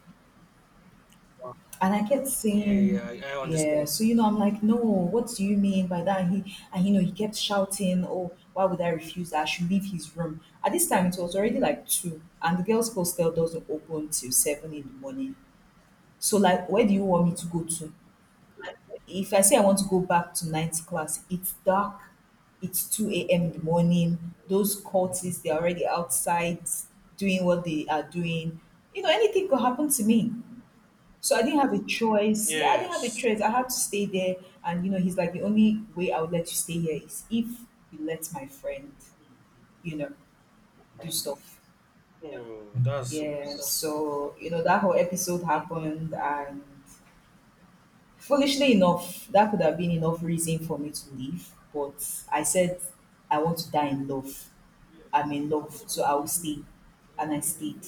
Speaker 2: And I kept
Speaker 1: Yeah, yeah,
Speaker 2: saying,
Speaker 1: I, I understand.
Speaker 2: yeah. So, you know, I'm like, no, what do you mean by that? And he, and you know, he kept shouting, oh, why would I refuse that? I should leave his room. At this time, it was already like two, and the girls' hostel doesn't open till seven in the morning. So, like, where do you want me to go to? If I say I want to go back to ninth class, it's dark, it's two a m in the morning. Those cultists, they're already outside doing what they are doing. You know, anything could happen to me. So I didn't have a choice. Yeah, I didn't have a
Speaker 1: Yes.
Speaker 2: choice. I had to stay there. And, you know, he's like, the only way I would let you stay here is if you let my friend, you know, do stuff.
Speaker 1: Oh, that's so
Speaker 2: Yeah.
Speaker 1: bad.
Speaker 2: So, you know, that whole episode happened. And foolishly enough, that could have been enough reason for me to leave. But I said, I want to die in love. I'm in love. So I will stay. And I stayed.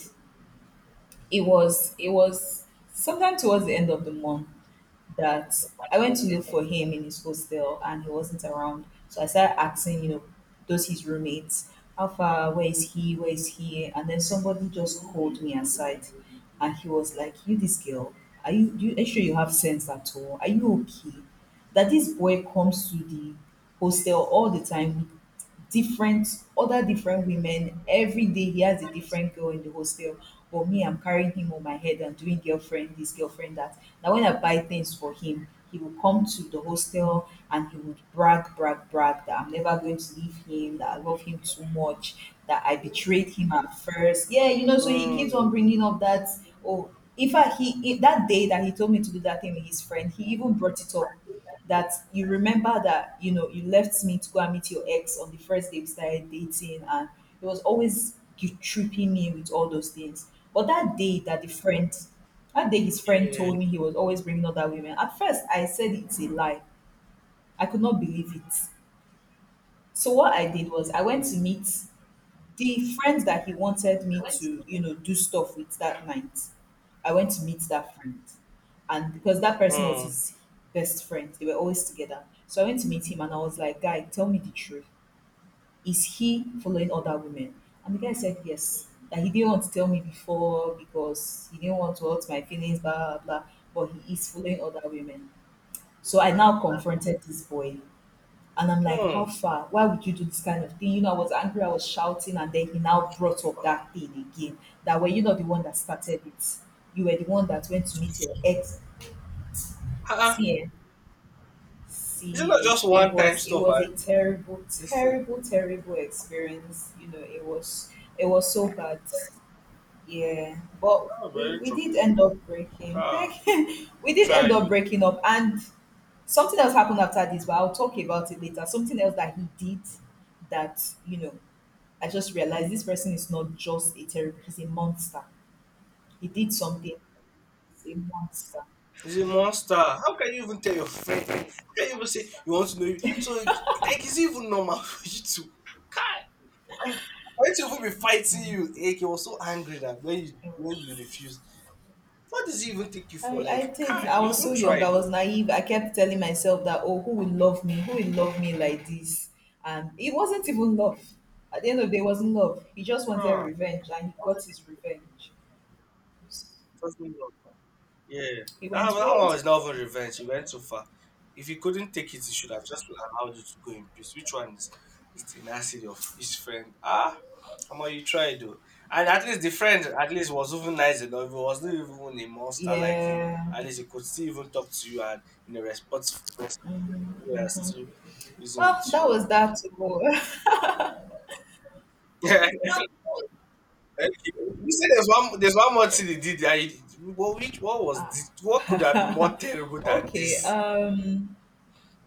Speaker 2: It was, it was sometime towards the end of the month that I went to look for him in his hostel and he wasn't around. So I started asking, you know, those his roommates, how far, where is he, where is he? And then somebody just called me aside and he was like, you this girl, are you do you are you sure you have sense at all? Are you okay? That this boy comes to the hostel all the time, different other different women, every day he has a different girl in the hostel, but me, I'm carrying him on my head and doing girlfriend this girlfriend that, now when I buy things for him he will come to the hostel and he would brag brag brag that I'm never going to leave him, that I love him too much, that I betrayed him at first, yeah, you know, so he keeps
Speaker 1: Hmm.
Speaker 2: on bringing up that. Oh, in fact, he he- that day that he told me to do that thing with his friend he even brought it up. That you remember that, you know, you left me to go and meet your ex on the first day we started dating, and it was always you tripping me with all those things. But that day that the friend, that day his friend
Speaker 1: Yeah.
Speaker 2: told me he was always bringing other women, at first I said it's a lie, I could not believe it. So what I did was I went to meet the friends that he wanted me to, you know, do stuff with that night, I went to meet that friend. And because that person was
Speaker 1: Hmm.
Speaker 2: his best friend, they were always together. So I went to meet him and I was like, guy, tell me the truth. Is he following other women? And the guy said yes. That he didn't want to tell me before because he didn't want to hurt my feelings, blah blah blah. But he is following other women. So I now confronted this boy and I'm like,
Speaker 1: Hmm.
Speaker 2: how far? Why would you do this kind of thing? You know, I was angry, I was shouting, and then he now brought up that thing again. That were you not the one that started it? You were the one that went to meet your ex.
Speaker 1: Ah, ah.
Speaker 2: See, eh?
Speaker 1: Is it not
Speaker 2: See,
Speaker 1: just
Speaker 2: it
Speaker 1: one time
Speaker 2: was it
Speaker 1: stuff? I
Speaker 2: was a terrible,
Speaker 1: Listen.
Speaker 2: terrible, terrible experience. You know, it was it was so bad. Yeah, but
Speaker 1: Ah,
Speaker 2: we
Speaker 1: very
Speaker 2: we
Speaker 1: true.
Speaker 2: did end up breaking. (laughs)
Speaker 1: Ah,
Speaker 2: Thank you. We did
Speaker 1: tried
Speaker 2: end up
Speaker 1: you.
Speaker 2: breaking up, and something else happened after this, but I'll talk about it later. Something else that he did that, you know, I just realized this person is not just a terrible, he's a monster. He did something, he's a monster.
Speaker 1: He's a monster. How can you even tell your friend? How can you even say you want to know? You? So like, it's even normal (laughs) for you to. Kai, and why to even be fighting you? Like, he was so angry that when you when you refused, what does he even take you
Speaker 2: I,
Speaker 1: for? Like,
Speaker 2: I did.
Speaker 1: Kai,
Speaker 2: I
Speaker 1: you
Speaker 2: was so
Speaker 1: even
Speaker 2: young. I
Speaker 1: tried
Speaker 2: was
Speaker 1: though.
Speaker 2: naive. I kept telling myself that, oh, who will love me? Who will love me like this? And it wasn't even love. At the end of the day, it wasn't love. He just wanted
Speaker 1: Huh?
Speaker 2: revenge and he got his revenge.
Speaker 1: doesn't Yeah,
Speaker 2: He
Speaker 1: that,
Speaker 2: went
Speaker 1: that
Speaker 2: way
Speaker 1: one was
Speaker 2: too
Speaker 1: not
Speaker 2: far.
Speaker 1: even revenge. He went too far. If he couldn't take it, he should have just allowed you to go in peace. Which one is is the nasty of his friend? Ah, how much you try though? And at least the friend at least was even nice enough. He was not even a monster like him.
Speaker 2: Yeah.
Speaker 1: At least he could still even talk to you and in a responsible way, are still using
Speaker 2: Oh,
Speaker 1: with you.
Speaker 2: that was that too. (laughs)
Speaker 1: (laughs) Yeah. You said there's one there's one more thing he did that he- What which what was this? What could have been more
Speaker 2: (laughs)
Speaker 1: terrible than
Speaker 2: okay
Speaker 1: this?
Speaker 2: um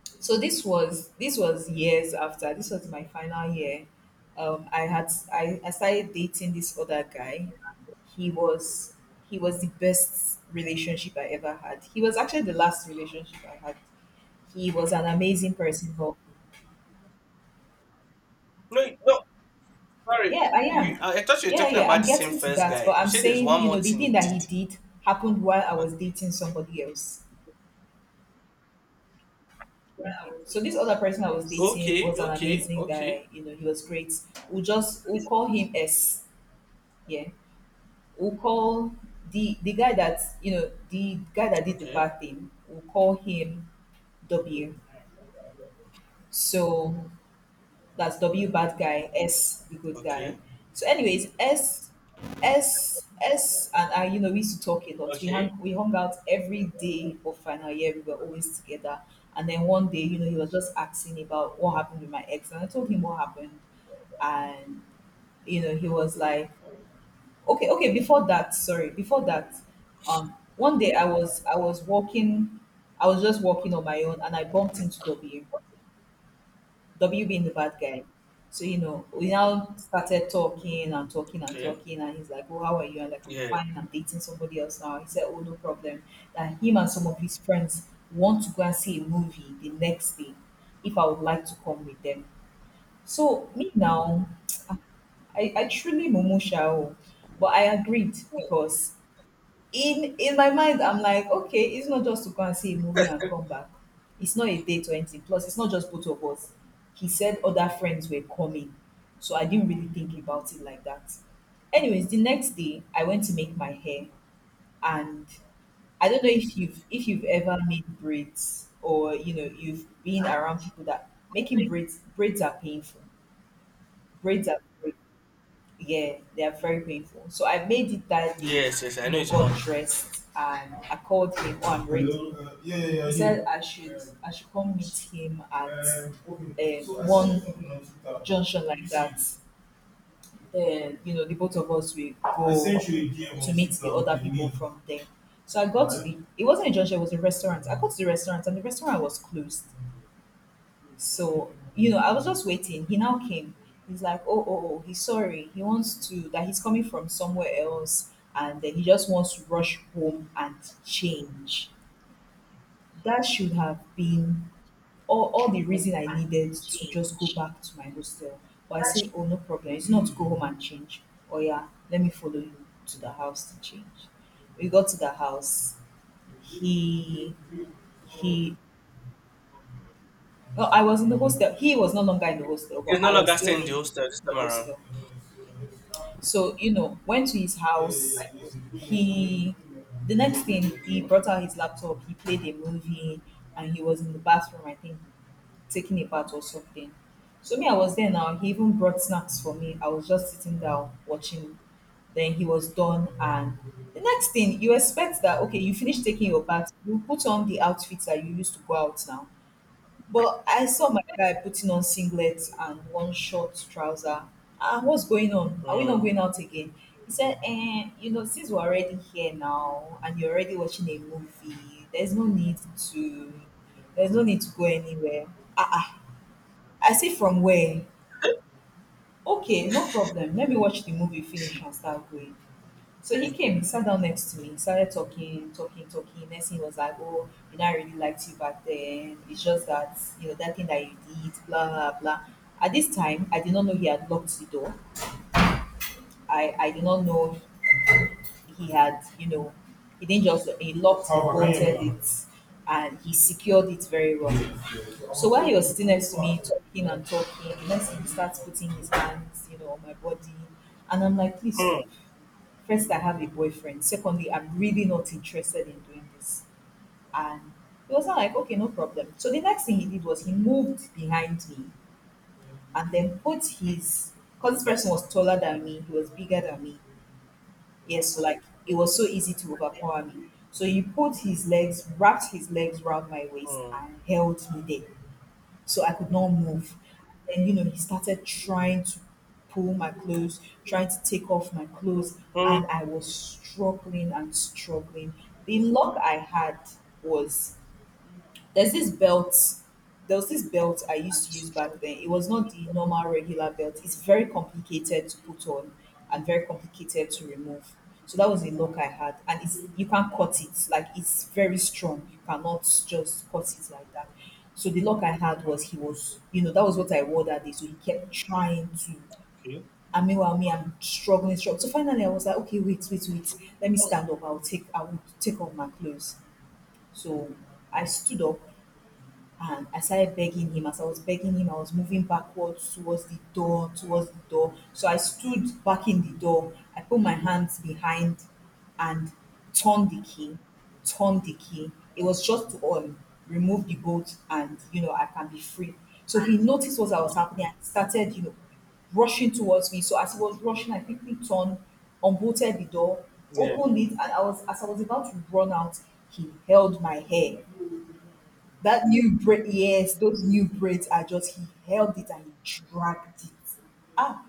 Speaker 2: so this was this was years after. This was my final year. um i had i, I started dating this other guy. He was he was the best relationship I ever had. He was actually the last relationship I had. He was an amazing person, but
Speaker 1: No, no, sorry,
Speaker 2: yeah, I
Speaker 1: you,
Speaker 2: am.
Speaker 1: I I thought you were
Speaker 2: Yeah,
Speaker 1: talking
Speaker 2: yeah,
Speaker 1: about
Speaker 2: I'm
Speaker 1: the same
Speaker 2: getting to
Speaker 1: first
Speaker 2: that, but
Speaker 1: guy. You
Speaker 2: I'm
Speaker 1: said there's
Speaker 2: saying
Speaker 1: one
Speaker 2: you
Speaker 1: more
Speaker 2: know the
Speaker 1: thing he
Speaker 2: thing that he
Speaker 1: did.
Speaker 2: did happened while I was dating somebody else. Okay. So this other person I was dating
Speaker 1: Okay,
Speaker 2: was an
Speaker 1: okay,
Speaker 2: amazing
Speaker 1: okay,
Speaker 2: guy. You know, he was great. We'll just we'll call him S. Yeah. We'll call the the guy that you know the guy that did the
Speaker 1: okay,
Speaker 2: bad thing. We'll call him W. So, that's W, bad guy, S the good guy.
Speaker 1: okay,
Speaker 2: So, anyways, S S S and I, you know, we used to talk a lot. We hung
Speaker 1: okay,
Speaker 2: we hung out every day of final year. We were always together. And then one day, you know, he was just asking about what happened with my ex, and I told him what happened. And you know, he was like, okay, okay. Before that, sorry, before that, um, one day I was I was walking, I was just walking on my own, and I bumped into W. W being the bad guy. So, you know, we now started talking and talking and
Speaker 1: okay.
Speaker 2: talking. And he's like, oh, how are you? I'm like, I'm
Speaker 1: Yeah,
Speaker 2: fine. I'm dating somebody else now. He said, oh, no problem. That him and some of his friends want to go and see a movie the next day if I would like to come with them. So, me now, (tsk) I, I truly mumusha, oh, but I agreed because in in my mind, I'm like, okay, it's not just to go and see a movie and come back. It's not a date or anything, plus it's not just both of us. He said other friends were coming, so I didn't really think about it like that. Anyways, the next day I went to make my hair. And I don't know if you've if you've ever made braids, or you know you've been around people that making braids. Braids are painful. Braids are. Yeah, they are very painful. So I made it that day,
Speaker 1: yes, yes. I
Speaker 2: you
Speaker 1: know
Speaker 2: know,
Speaker 1: it's hot.
Speaker 2: got dressed and I called him, oh, I'm ready. He said I should I should come meet him at um, one junction like that. Then, you know, the both of us will go to meet the other people from there. So I got to the, it wasn't a junction, it was a restaurant. I got to the restaurant and the restaurant was closed. So, you know, I was just waiting. He now came. He's like, oh, oh, oh, he's sorry. He wants to, that he's coming from somewhere else and then he just wants to rush home and change. That should have been all, all the reason I needed to just go back to my hostel. But I said, oh, no problem. It's not to go home and change. Oh, yeah, let me follow you to the house to change. We got to the house. He he Well, I was in the hostel. He was no longer in the hostel,
Speaker 1: It's
Speaker 2: but
Speaker 1: no
Speaker 2: I was
Speaker 1: longer
Speaker 2: still
Speaker 1: staying in the
Speaker 2: in
Speaker 1: hostel this
Speaker 2: the
Speaker 1: time around.
Speaker 2: hostel. So, you know, went to his house. He, the next thing, he
Speaker 1: Okay.
Speaker 2: brought out his laptop, he played a movie, and he was in the bathroom, I think, taking a bath or something. So, me, I was there now. He even brought snacks for me. I was just sitting down watching. Then he was done. And the next thing, you expect that, okay, you finish taking your bath, you put on the outfits that you used to go out now. But I saw my guy putting on singlet and one short trouser. Ah, what's going on? Are we not
Speaker 1: Hmm.
Speaker 2: going out again? He said, eh, you know, since we're already here now and you're already watching a movie, there's no need to there's no need to go anywhere. Ah ah. I say from where? Okay, no problem. Let me watch the movie finish and start going. So he came, he sat down next to me, started talking, talking, talking. Next thing he was like, oh, you know, I really liked you back then. It's just that, you know, that thing that you did, blah, blah, blah. At this time, I did not know he had locked the door. I, I did not know he had, you know, he didn't just, he locked, he bolted it, and he secured it very well. So while he was sitting next to me, talking and talking, the next thing he starts putting his hands, you know, on my body. And I'm like, please
Speaker 1: Hmm.
Speaker 2: stop. First, I have a boyfriend. Secondly, I'm really not interested in doing this. And he was not like, okay, no problem. So the next thing he did was he moved behind me and then put his, because this person was taller than me, he was bigger than me. Yes, so like it was so easy to overpower me. So he put his legs, wrapped his legs around my waist
Speaker 1: Hmm.
Speaker 2: and held me there so I could not move. And you know, he started trying to pull my clothes, trying to take off my clothes,
Speaker 1: Hmm.
Speaker 2: and I was struggling and struggling. The luck I had was there's this belt. There was this belt I used to use back then. It was not the normal regular belt. It's very complicated to put on and very complicated to remove. So that was a lock I had, and it's you can't cut it. Like it's very strong. You cannot just cut it like that. So the lock I had was he was, you know, that was what I wore that day. So he kept trying to.
Speaker 1: Okay.
Speaker 2: And meanwhile, me, I'm struggling, struggling. So finally, I was like, okay, wait, wait, wait. Let me stand up. I'll take, I will take off my clothes. So I stood up and I started begging him. As I was begging him, I was moving backwards towards the door, towards the door. So I stood back in the door. I put my hands behind and turned the key, turned the key. It was just to um, remove the bolt and, you know, I can be free. So he noticed what I was happening and started, you know, rushing towards me. So as he was rushing, I quickly turned, unbolted the door,
Speaker 1: Yeah.
Speaker 2: opened it, and I was as I was about to run out, he held my hair. That new braid, yes, those new braids are just he held it and he dragged it. Ah,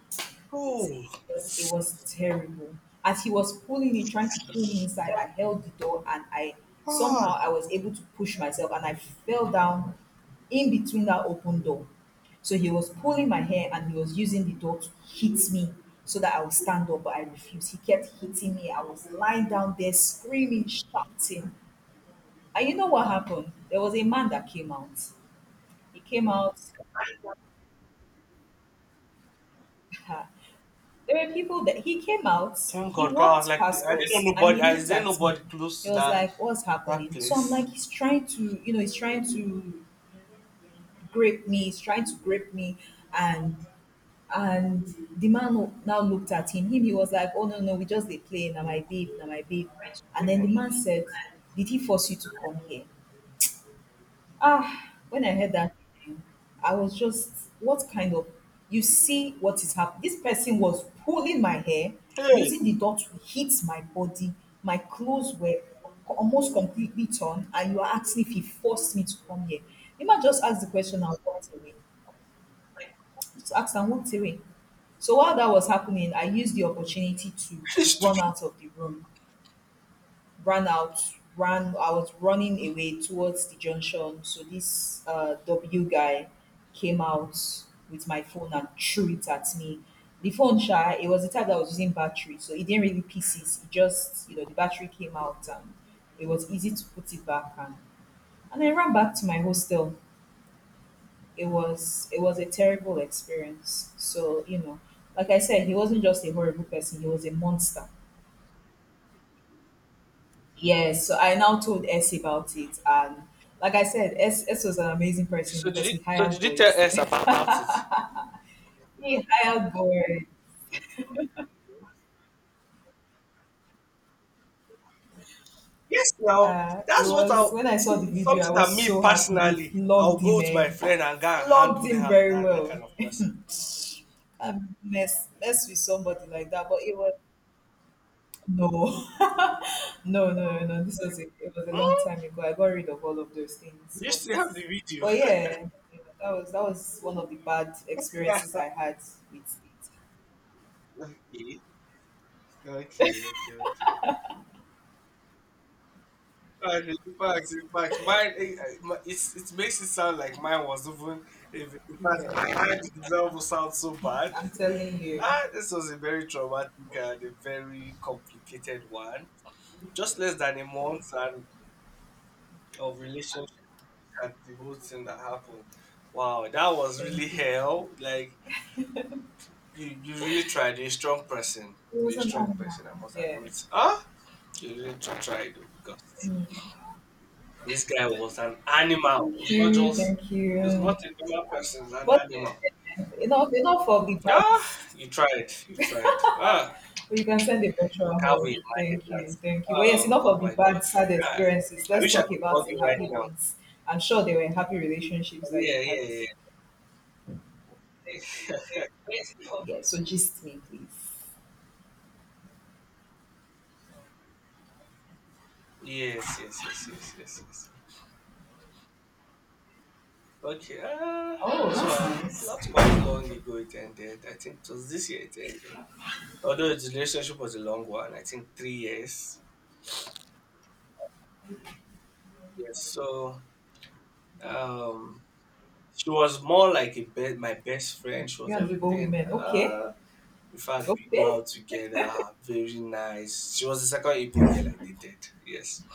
Speaker 1: Oh.
Speaker 2: see, it was, it was terrible. As he was pulling it, trying to pull me inside, I held the door and I
Speaker 1: Ah.
Speaker 2: somehow I was able to push myself and I fell down in between that open door. So he was pulling my hair and he was using the door to hit me so that I would stand up, but I refused. He kept hitting me. I was lying down there screaming, shouting. And you know what happened? There was a man that came out. He came out. (laughs) There were people that he came out,
Speaker 1: Thank
Speaker 2: he
Speaker 1: God. God.
Speaker 2: walked
Speaker 1: Like
Speaker 2: past
Speaker 1: I didn't know
Speaker 2: us and
Speaker 1: nobody.
Speaker 2: he
Speaker 1: Is
Speaker 2: looked
Speaker 1: there
Speaker 2: at me.
Speaker 1: nobody close
Speaker 2: He
Speaker 1: to
Speaker 2: was
Speaker 1: that
Speaker 2: like, what's
Speaker 1: that
Speaker 2: happening? So I'm
Speaker 1: place?
Speaker 2: like, he's trying to, you know, he's trying to grape me, he's trying to grape me. And and the man who now looked at him. Him, he was like, oh no, no, we just dey play. Now
Speaker 1: Mm.
Speaker 2: my babe, now my babe. And then the man said, did he force you to come here? Ah, when I heard that, I was just, what kind of, you see what is happening. This person was pulling my hair,
Speaker 1: Hey,
Speaker 2: using the dot to hit my body. My clothes were almost completely torn, and you are asking if he forced me to come here. You might just ask the question and walk away. Just ask and walk away. So while that was happening, I used the opportunity to
Speaker 1: (laughs)
Speaker 2: run
Speaker 1: stupid.
Speaker 2: out of the room ran out ran I was running away towards the junction. So this uh, W guy came out with my phone and threw it at me. The phone shy, it was the type that was using battery, so it didn't really pieces. It just, you know, the battery came out and it was easy to put it back and and I ran back to my hostel. It was it was a terrible experience. So, you know, like I said, he wasn't just a horrible person, he was a monster. Yes, so I now told S about it, and like I said, S, S was an amazing person
Speaker 1: So did
Speaker 2: because
Speaker 1: you
Speaker 2: he
Speaker 1: so did
Speaker 2: hired
Speaker 1: you tell
Speaker 2: boys.
Speaker 1: us about,
Speaker 2: (laughs)
Speaker 1: about it?
Speaker 2: He hired boys.
Speaker 1: Yes, now
Speaker 2: Uh, it
Speaker 1: that's what
Speaker 2: was
Speaker 1: I'll
Speaker 2: when I
Speaker 1: see.
Speaker 2: saw the
Speaker 1: It's
Speaker 2: video, I
Speaker 1: something that
Speaker 2: was
Speaker 1: me
Speaker 2: so happy. They
Speaker 1: personally, I'll
Speaker 2: flogged
Speaker 1: go
Speaker 2: him,
Speaker 1: with
Speaker 2: eh?
Speaker 1: my friend and go and
Speaker 2: Flogged
Speaker 1: handle
Speaker 2: him
Speaker 1: that
Speaker 2: very
Speaker 1: that, that kind
Speaker 2: well.
Speaker 1: of person.
Speaker 2: And mess mess with somebody like that, but it was no. (laughs) No, no, no, no. This was a, it was a long time
Speaker 1: Hmm?
Speaker 2: ago. I got rid of all of those things.
Speaker 1: You
Speaker 2: But,
Speaker 1: still have the video.
Speaker 2: but yeah, you know, that was that was one of the bad experiences I had with it.
Speaker 1: (laughs) Okay, okay, okay, okay. Facts. In fact, in fact, mine, eh, eh, my- it's it makes it sound like mine was even. If in fact
Speaker 2: Yeah,
Speaker 1: my- mine had it, almost sound so bad.
Speaker 2: I'm telling you.
Speaker 1: Ah, this was a very traumatic and a very complicated one. Just less than a month and of relationship and the whole thing that happened. Wow, that was really
Speaker 2: Thank you.
Speaker 1: hell. Like you, you really tried. You're a strong person.
Speaker 2: It was
Speaker 1: You're a
Speaker 2: an
Speaker 1: strong
Speaker 2: animal.
Speaker 1: person. I must
Speaker 2: Yeah.
Speaker 1: admit. Ah, you really tried though because. This guy was an animal.
Speaker 2: Thank
Speaker 1: It's not
Speaker 2: you.
Speaker 1: just
Speaker 2: Thank
Speaker 1: it's
Speaker 2: you.
Speaker 1: not a normal person, it's an
Speaker 2: But
Speaker 1: animal.
Speaker 2: enough, enough of the bad,
Speaker 1: Ah, you tried, you tried. Ah,
Speaker 2: but you can send a virtual
Speaker 1: can't we
Speaker 2: hug.
Speaker 1: imagine
Speaker 2: Thank
Speaker 1: that?
Speaker 2: you. Thank you. But yes,
Speaker 1: Oh,
Speaker 2: enough
Speaker 1: oh
Speaker 2: of the
Speaker 1: my
Speaker 2: bad,
Speaker 1: god.
Speaker 2: sad
Speaker 1: Ah,
Speaker 2: experiences.
Speaker 1: I
Speaker 2: Let's
Speaker 1: wish I
Speaker 2: talk
Speaker 1: could hug
Speaker 2: about the
Speaker 1: you right
Speaker 2: happy
Speaker 1: now.
Speaker 2: ones. I'm sure there were happy relationships that
Speaker 1: Yeah,
Speaker 2: you
Speaker 1: yeah,
Speaker 2: had.
Speaker 1: yeah. Yeah.
Speaker 2: Yeah, so gist me, please.
Speaker 1: Yes, yes, yes, yes, yes, yes. Okay, uh,
Speaker 2: Oh,
Speaker 1: this one,
Speaker 2: that's
Speaker 1: not
Speaker 2: nice.
Speaker 1: quite long ago it ended. I think it was this year it ended. Although the relationship was a long one, I think three years. Yes, so um, she was more like a be my best friend. She was
Speaker 2: You're an Igbo
Speaker 1: everything.
Speaker 2: woman. Okay.
Speaker 1: Uh, in fact, we go
Speaker 2: Okay.
Speaker 1: out together. Very nice. She was the second Igbo girl I dated. Yes.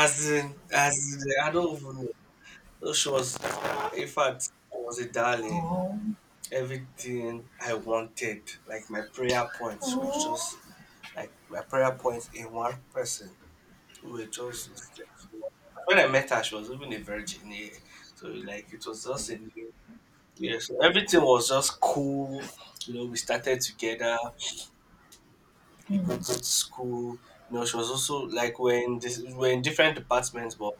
Speaker 1: As in, as in, I don't even know. So she was, in fact, she was a darling.
Speaker 2: Oh,
Speaker 1: Everything I wanted, like my prayer points, was
Speaker 2: oh.
Speaker 1: just like my prayer points in one person. We were just when I met her, she was even a virgin. Yeah. So like it was just a new. Yes, everything was just cool. You know, we started together. We got to school. You know, she was also like when this we we're in different departments, but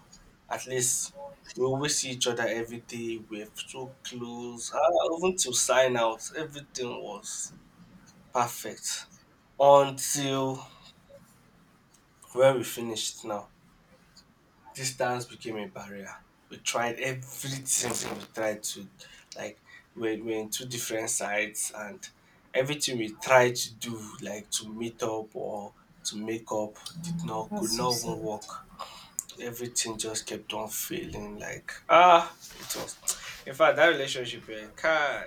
Speaker 1: at least we always see each other every day. We're so close. Ah, even to sign out, everything was perfect until where we finished now. Distance became a barrier. We tried everything. We tried to, like, we're, we're in two different sides, and everything we tried to do, like to meet up or to make up, did not,
Speaker 2: That's
Speaker 1: could
Speaker 2: so
Speaker 1: not even
Speaker 2: sad.
Speaker 1: work. Everything just kept on failing. Like, ah, it was. In fact, that relationship, eh, kai,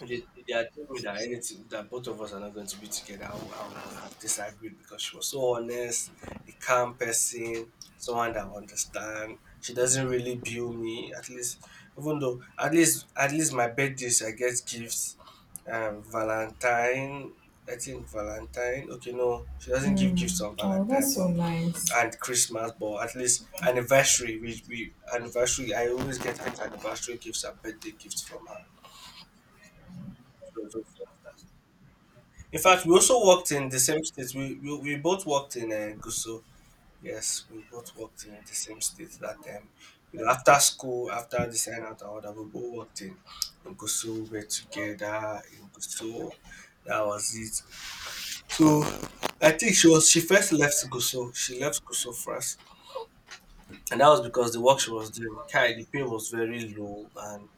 Speaker 1: they, they had told me that anything that both of us are not going to be together, I would, I would, I would have disagreed because she was so honest, a calm person, someone that understand. She doesn't really bill me. At least, even though at least at least my birthdays I get gifts. Um, Valentine, I think Valentine. Okay, no, she doesn't give gifts
Speaker 2: Mm.
Speaker 1: on
Speaker 2: Oh,
Speaker 1: Valentine,
Speaker 2: that's
Speaker 1: but
Speaker 2: so nice.
Speaker 1: and Christmas, but at least anniversary. We we anniversary. I always get anniversary gifts and birthday gifts from her. So, in fact, we also worked in the same state. We we, we both worked in uh, Guso. Yes, we both worked in the same state that time. You know, after school, after the sign out order, we both worked in, in Guso. We were together in Guso. That was it. So I think she was she first left Guso. She left Guso first, and that was because the work she was doing, Kai, the pay was very low, and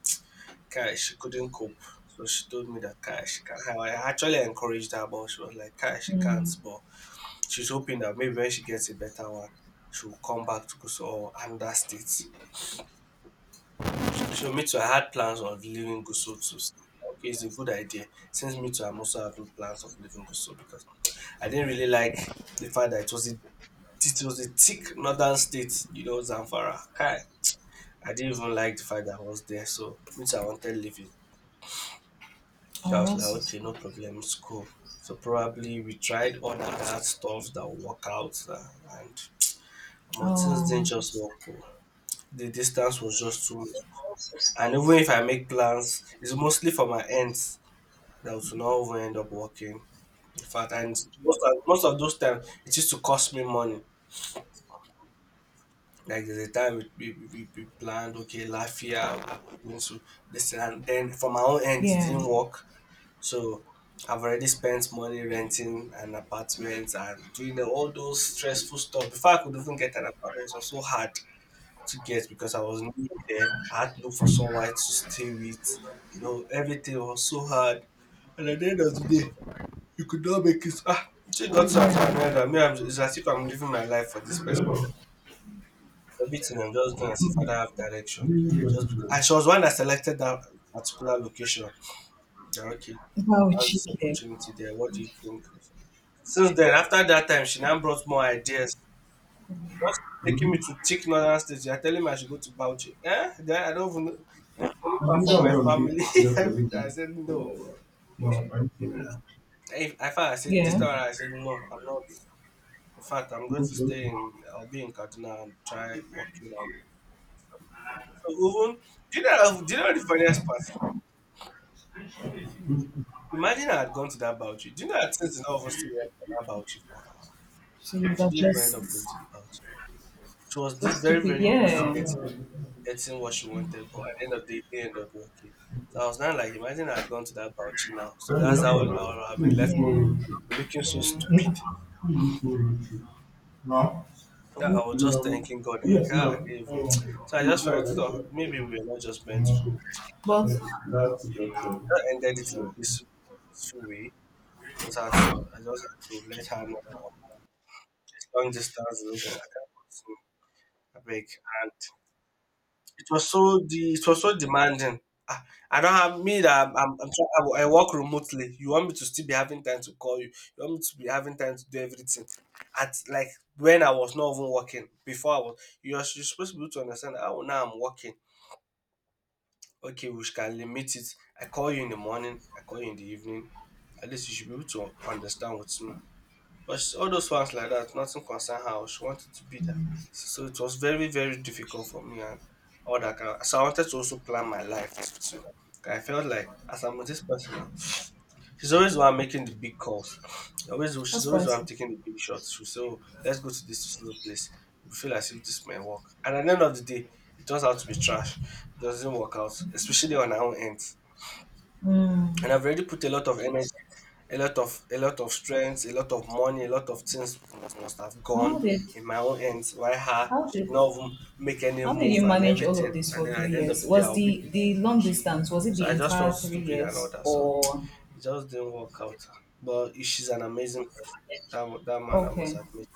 Speaker 1: Kai she couldn't cope. So she told me that Kai she can't. I actually encouraged her, but she was like, Kai, she can't. But she's hoping that maybe when she gets a better one, she'll come back to Gusau or another state. So me too, I had plans of leaving Gusau too. Okay, it's a good idea. Since me too, I'm also having plans of leaving Gusau because I didn't really like the fact that it was a it was a thick northern state, you know, Zamfara. Kai. I didn't even like the fact that I was there, so me too, I wanted leaving. So I
Speaker 2: Oh,
Speaker 1: was like,
Speaker 2: that's so
Speaker 1: okay,
Speaker 2: sad.
Speaker 1: no problem, it's cool. So probably we tried all that that stuff that work out, uh, and um, things didn't
Speaker 2: Oh,
Speaker 1: just work. Oh. The distance was just too much. And even if I make plans, it's mostly for my ends that will not even end up working. In fact, and most of, most of those times, it used to cost me money. Like there's a time we, we, we, we planned, okay, last year, we're going to this thing, and then for my own end, it
Speaker 2: yeah.
Speaker 1: didn't work. So I've already spent money renting an apartment and doing the- all those stressful stuff. Before I could even get an apartment, it was so hard to get because I was new there. I had to look for someone to stay with. You know, everything was so hard. And at the end of the day, you could not make it. Ah, it just got to
Speaker 2: Yeah.
Speaker 1: an end. I mean, I'm, it's as if I'm living my life for this person. Everything I'm just doing as if I don't have direction. Just be- and she was one that selected that particular location. Yeah, okay,
Speaker 2: Wow,
Speaker 1: how's this
Speaker 2: cheeky.
Speaker 1: opportunity there? What do you think? Since then, after that time, she now brought more ideas. Just keep taking me to thick northern states. You're telling me I should go to Bauchi. Eh? Then I don't even know. It's very far from my family. (laughs) Every time I said no. If I found I said this
Speaker 2: Yeah.
Speaker 1: time around, I said no, I'm not. In fact, I'm going to stay in. I'll be in Kaduna and try working out. So even, do you know? Do you know the funniest part? Imagine I had gone to that Bauchi. Do you know that things did of us to work for that Bauchi for her?
Speaker 2: So you
Speaker 1: She
Speaker 2: were
Speaker 1: didn't even end up going
Speaker 2: just
Speaker 1: to the Bauchi. She was
Speaker 2: so
Speaker 1: this very,
Speaker 2: stupid.
Speaker 1: very close to
Speaker 2: Yeah.
Speaker 1: getting getting what she wanted, but at the end of the day, it did end up working. So I was now like, imagine I had gone to that Bauchi now. So that's how I would I would have
Speaker 2: Yeah.
Speaker 1: been left
Speaker 2: Yeah.
Speaker 1: looking so stupid.
Speaker 2: Hmm?
Speaker 1: Yeah, I was just thanking God,
Speaker 2: I
Speaker 1: like, ah, I didn't even.
Speaker 2: want
Speaker 1: (tsk) So I just
Speaker 2: to.
Speaker 1: felt, oh, maybe we are not just meant to be.
Speaker 2: But
Speaker 1: I ended it in a peaceful, peaceful way. Just had to, I just had to let her know that long distance relationship. I can't continue. I beg. It was so de it was so demanding. Ah, I don't have me that I'm I'm try I I work remotely. You want me to still be having time to call you. You want me to be having time to do everything. At like when I was not even working, before I was you're s- you're supposed to be able to understand, oh, now I'm working. Okay, we can limit it. I call you in the morning, I call you in the evening. At least you should be able to understand what's me. But sh all those ones like that, nothing concern her. Oh, she wanted to be there. So it was very, very difficult for me, and all that kind of, so I wanted to also plan my life too. 'Cause I felt like as I'm with this person now, she's always the one making the big calls. She Always
Speaker 2: that's
Speaker 1: she's always the one
Speaker 2: spicy.
Speaker 1: taking the big shots. She'll say, oh, let's go to this little place. We feel as if this may work. And at the end of the day, it turns out to be trash. It doesn't work out, especially on our own end, and
Speaker 2: Mm.
Speaker 1: I've already put a lot of energy, a lot of a lot of strength, a lot of money, a lot of things must must have gone
Speaker 2: How did
Speaker 1: in my own hands. Why her
Speaker 2: how
Speaker 1: should
Speaker 2: did
Speaker 1: not even make any
Speaker 2: how did
Speaker 1: move
Speaker 2: you
Speaker 1: and
Speaker 2: manage all
Speaker 1: everything,
Speaker 2: of this
Speaker 1: and
Speaker 2: for
Speaker 1: then at
Speaker 2: three
Speaker 1: the end of
Speaker 2: years?
Speaker 1: the day,
Speaker 2: Was
Speaker 1: I'll be.
Speaker 2: the the long distance was it
Speaker 1: So
Speaker 2: the
Speaker 1: I just felt
Speaker 2: entire three
Speaker 1: stupid and all
Speaker 2: years
Speaker 1: that. So
Speaker 2: or
Speaker 1: it just didn't work out. But she's an amazing person. That wa- that man, I must
Speaker 2: okay?
Speaker 1: admit.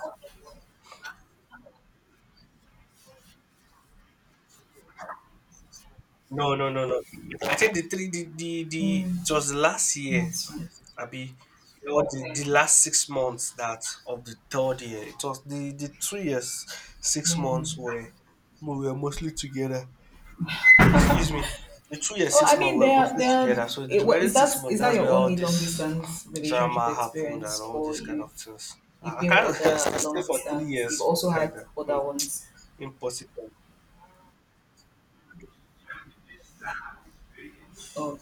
Speaker 1: No, no, no, no. I think the three, the the, the it was last year.
Speaker 2: Not fast.
Speaker 1: Abi, you know, the, the last six months that of the third year, it was the, the two years, six
Speaker 2: Yeah.
Speaker 1: months were we were mostly together. Excuse me, the two years,
Speaker 2: Oh,
Speaker 1: six
Speaker 2: I
Speaker 1: months
Speaker 2: mean,
Speaker 1: were
Speaker 2: there,
Speaker 1: mostly
Speaker 2: there.
Speaker 1: together. So the
Speaker 2: It, wa-
Speaker 1: remaining
Speaker 2: is that
Speaker 1: six months,
Speaker 2: is that
Speaker 1: that's
Speaker 2: your
Speaker 1: where all
Speaker 2: only long
Speaker 1: this
Speaker 2: distance relationship
Speaker 1: drama happened and
Speaker 2: experience,
Speaker 1: all
Speaker 2: or
Speaker 1: these kind of
Speaker 2: you've
Speaker 1: things. I
Speaker 2: you've
Speaker 1: I
Speaker 2: been with
Speaker 1: can't (laughs) I
Speaker 2: other
Speaker 1: stay
Speaker 2: long
Speaker 1: for three
Speaker 2: distance?
Speaker 1: years
Speaker 2: You've
Speaker 1: for
Speaker 2: also
Speaker 1: like
Speaker 2: had
Speaker 1: that. Hmm,
Speaker 2: other ones.
Speaker 1: impossible.
Speaker 2: Oh,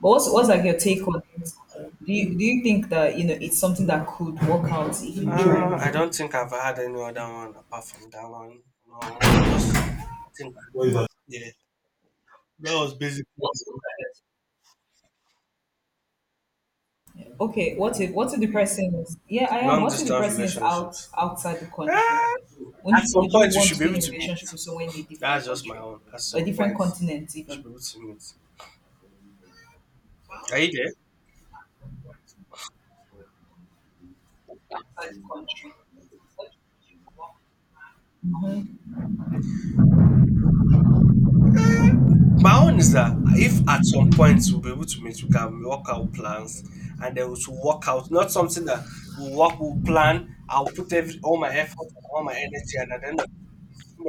Speaker 2: but what's what's like your take on it? Do you do you think that you know it's something that could work out if you
Speaker 1: Uh, I
Speaker 2: try?
Speaker 1: don't think I've had any other one apart from that one. No, just I think, yeah, that was basically.
Speaker 2: Okay, what if what if the person is yeah I am.
Speaker 1: Long
Speaker 2: What if the
Speaker 1: distance
Speaker 2: person is out
Speaker 1: relationships.
Speaker 2: outside the country?
Speaker 1: Ah,
Speaker 2: Wouldn't
Speaker 1: at
Speaker 2: you,
Speaker 1: some
Speaker 2: would you
Speaker 1: point, you
Speaker 2: want
Speaker 1: should
Speaker 2: to
Speaker 1: be
Speaker 2: be
Speaker 1: able
Speaker 2: in a
Speaker 1: to meet.
Speaker 2: relationship with someone in a
Speaker 1: That's
Speaker 2: different
Speaker 1: just my
Speaker 2: country,
Speaker 1: own. At
Speaker 2: a
Speaker 1: some
Speaker 2: different
Speaker 1: point,
Speaker 2: continent
Speaker 1: you should
Speaker 2: even?
Speaker 1: be able to meet. Are you there? My own is that if at some point we'll be able to meet, we can work out plans, and then we should work out. Not something that we work, we'll plan, I'll put every, all my effort and all my energy, and at the end of two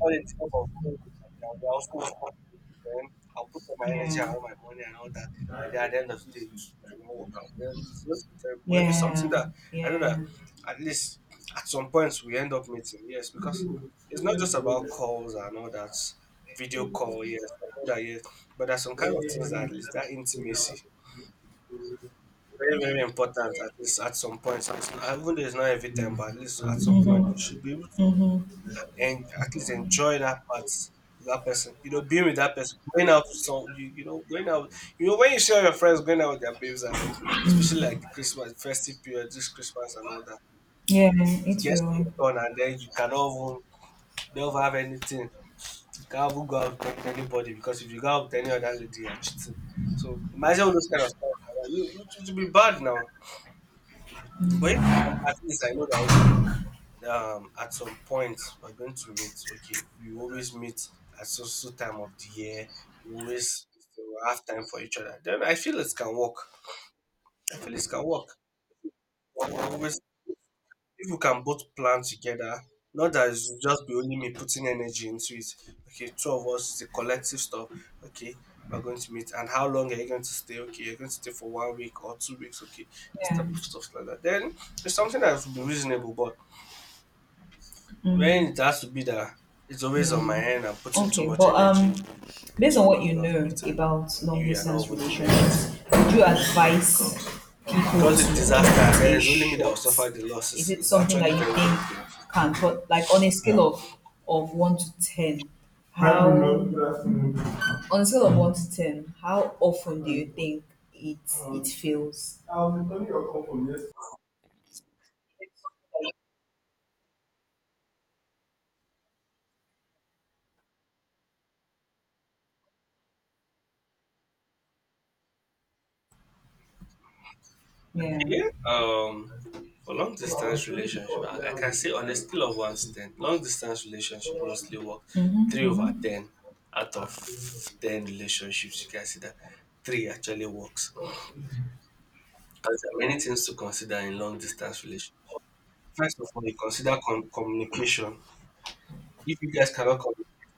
Speaker 1: all the thing of going with them, they are also working with you, man. I'll put all my energy
Speaker 2: Yeah.
Speaker 1: and all my money and all that, and then at the end of the day, it will not work out. Then it's going to be terrible. But if it's something
Speaker 2: Yeah.
Speaker 1: that I know
Speaker 2: Yeah.
Speaker 1: that at least at some points we end up meeting, yes, because it's not just about calls and all that video call, yes, I know that, yes, but there's some kind of things that at least that intimacy. Very, very important at least at some point. At- Even though it's not every time, but at least at some point you should be able, and at least enjoy that part, that person. You know, being with that person, going out with some, you, you know, going out. You know, when you share your friends going out with their babes, and especially like the Christmas festive period, this Christmas and all that,
Speaker 2: Yeah,
Speaker 1: it it
Speaker 2: it
Speaker 1: gets to
Speaker 2: will.
Speaker 1: your turn, and then you cannot even, you don't even have anything. You can't even go out with anybody because if you go out with any other lady, you're cheating. So imagine all those kind of stuff. It, it, it will be bad now, but if, at least I know that, okay. Um at some point we're going to meet, okay, we always meet at so so time of the year, we always will have time for each other, then I feel it can work. I feel it can work. We're always, if we can both plan together, not that it's just be only me putting energy into it. Okay, two of us is a collective stuff. Okay, we're going to meet, and how long are you going to stay? Okay, you're going to stay for one week or two weeks. Okay, this
Speaker 2: Yeah.
Speaker 1: type of stuff like that, then it's something that would be reasonable. But when
Speaker 2: Mm,
Speaker 1: it has to be that it's always on
Speaker 2: yeah.
Speaker 1: my end, I'm putting too
Speaker 2: Okay,
Speaker 1: much
Speaker 2: but
Speaker 1: energy
Speaker 2: um, based on
Speaker 1: into
Speaker 2: what you
Speaker 1: making us
Speaker 2: know
Speaker 1: meet, and
Speaker 2: about
Speaker 1: you,
Speaker 2: long
Speaker 1: you're not
Speaker 2: distance
Speaker 1: even doing anything.
Speaker 2: relationships,
Speaker 1: And
Speaker 2: would
Speaker 1: at
Speaker 2: you
Speaker 1: the end of the day, it
Speaker 2: advise
Speaker 1: becomes,
Speaker 2: people
Speaker 1: because it's
Speaker 2: to
Speaker 1: disaster, and
Speaker 2: give
Speaker 1: then
Speaker 2: it a
Speaker 1: it's only me that will
Speaker 2: shot?
Speaker 1: suffer the
Speaker 2: Is
Speaker 1: losses.
Speaker 2: it
Speaker 1: It's
Speaker 2: something that
Speaker 1: actually
Speaker 2: you
Speaker 1: very,
Speaker 2: think
Speaker 1: very painful.
Speaker 2: can put like on a scale of of one to ten? How on a scale of one to ten, how often do you think it it fails? Yeah.
Speaker 1: Yeah. Um, for long distance relationship, I, I can say on a scale of one to ten, long distance relationship mostly work three over ten out of ten relationships. You can see that three actually works. 'Cause there are many things to consider in long distance relationship. First of all, you consider com- communication. If you guys cannot communicate,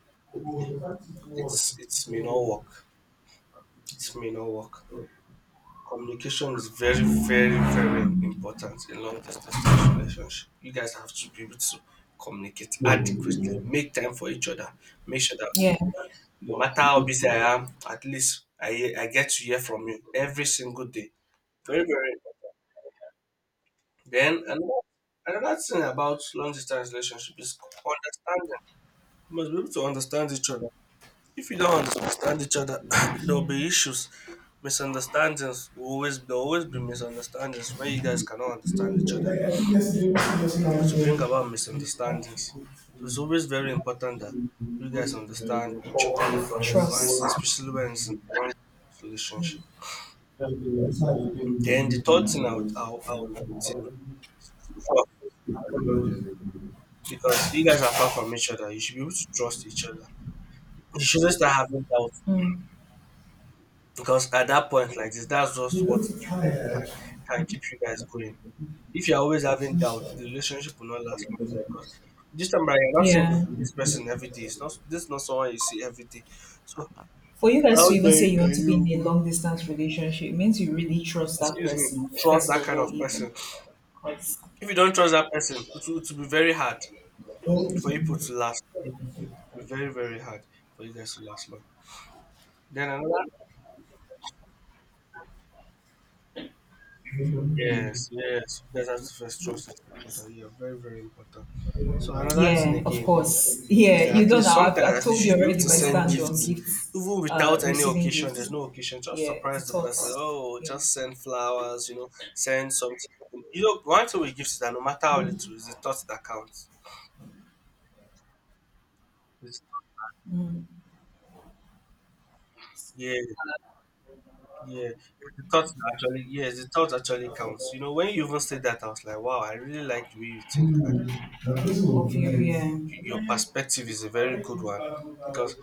Speaker 1: it's it's may not work. It may not work. Communication is very, very, very important in long distance relationship. You guys have to be able to communicate adequately. Make time for each other. Make sure that
Speaker 2: Yeah.
Speaker 1: okay, no matter how busy I am, at least I hear- I get to hear from you every single day. Very, very important. Then another another thing about long distance relationship is understanding. You must be able to understand each other. If you don't understand each other, (coughs) (clears throat) there'll be
Speaker 2: Amen.
Speaker 1: issues, misunderstandings. Will always There'll always be misunderstandings when you guys cannot understand each other, which will bring about misunderstandings. So
Speaker 2: We
Speaker 1: it's always very important that
Speaker 2: had
Speaker 1: you guys understand each other
Speaker 2: trust.
Speaker 1: once, especially when it's in a relationship. Then the third thing I would I'll, I'll put in trust, because you guys are far from each other. You should be able to trust each other. You shouldn't start having doubts,
Speaker 2: Mm.
Speaker 1: because at that point like this, that's just what can, can keep you guys going. If you're always having doubts, the relationship will not last long, because this time around, you're not seeing the-
Speaker 2: Yeah.
Speaker 1: this person every day. It's not This is not someone you see every day. So
Speaker 2: For you guys to
Speaker 1: how
Speaker 2: even say
Speaker 1: then
Speaker 2: you want
Speaker 1: can
Speaker 2: to be
Speaker 1: you
Speaker 2: in a
Speaker 1: even,
Speaker 2: long distance relationship, it means you really trust that
Speaker 1: excuse me,
Speaker 2: person,
Speaker 1: trust
Speaker 2: first
Speaker 1: that
Speaker 2: of
Speaker 1: kind
Speaker 2: all,
Speaker 1: of
Speaker 2: even.
Speaker 1: person?
Speaker 2: 'Cause,
Speaker 1: If you don't trust that person, it will, it will be very hard for you people to last. It will be very, very hard for you guys to last long. Then another yes, yes, you guys have to first, trust is important. Yeah, very, very important. So another thing
Speaker 2: yeah, of
Speaker 1: again,
Speaker 2: course.
Speaker 1: is
Speaker 2: Yeah,
Speaker 1: that
Speaker 2: you
Speaker 1: at
Speaker 2: know
Speaker 1: least
Speaker 2: now, I've,
Speaker 1: sometimes,
Speaker 2: I've
Speaker 1: at least
Speaker 2: told
Speaker 1: you
Speaker 2: you
Speaker 1: should be able
Speaker 2: already
Speaker 1: to
Speaker 2: my
Speaker 1: send
Speaker 2: stand on
Speaker 1: gifts
Speaker 2: gifts,
Speaker 1: even
Speaker 2: uh,
Speaker 1: without any
Speaker 2: receiving
Speaker 1: occasion.
Speaker 2: gifts.
Speaker 1: There's no occasion. Just
Speaker 2: Yeah, the
Speaker 1: surprise the person.
Speaker 2: thoughts.
Speaker 1: Oh,
Speaker 2: Yeah.
Speaker 1: just send flowers. You know, send something. You know, one thing with gifts is that no matter how little, it's the thought that counts. It's- yeah, yeah. The thought that actually, yes, the thought actually counts. You know, when you even said that, I was like, wow, I really like the way you think, and the way
Speaker 2: Of
Speaker 1: you, you, you,
Speaker 2: you.
Speaker 1: you your perspective is a very good one, because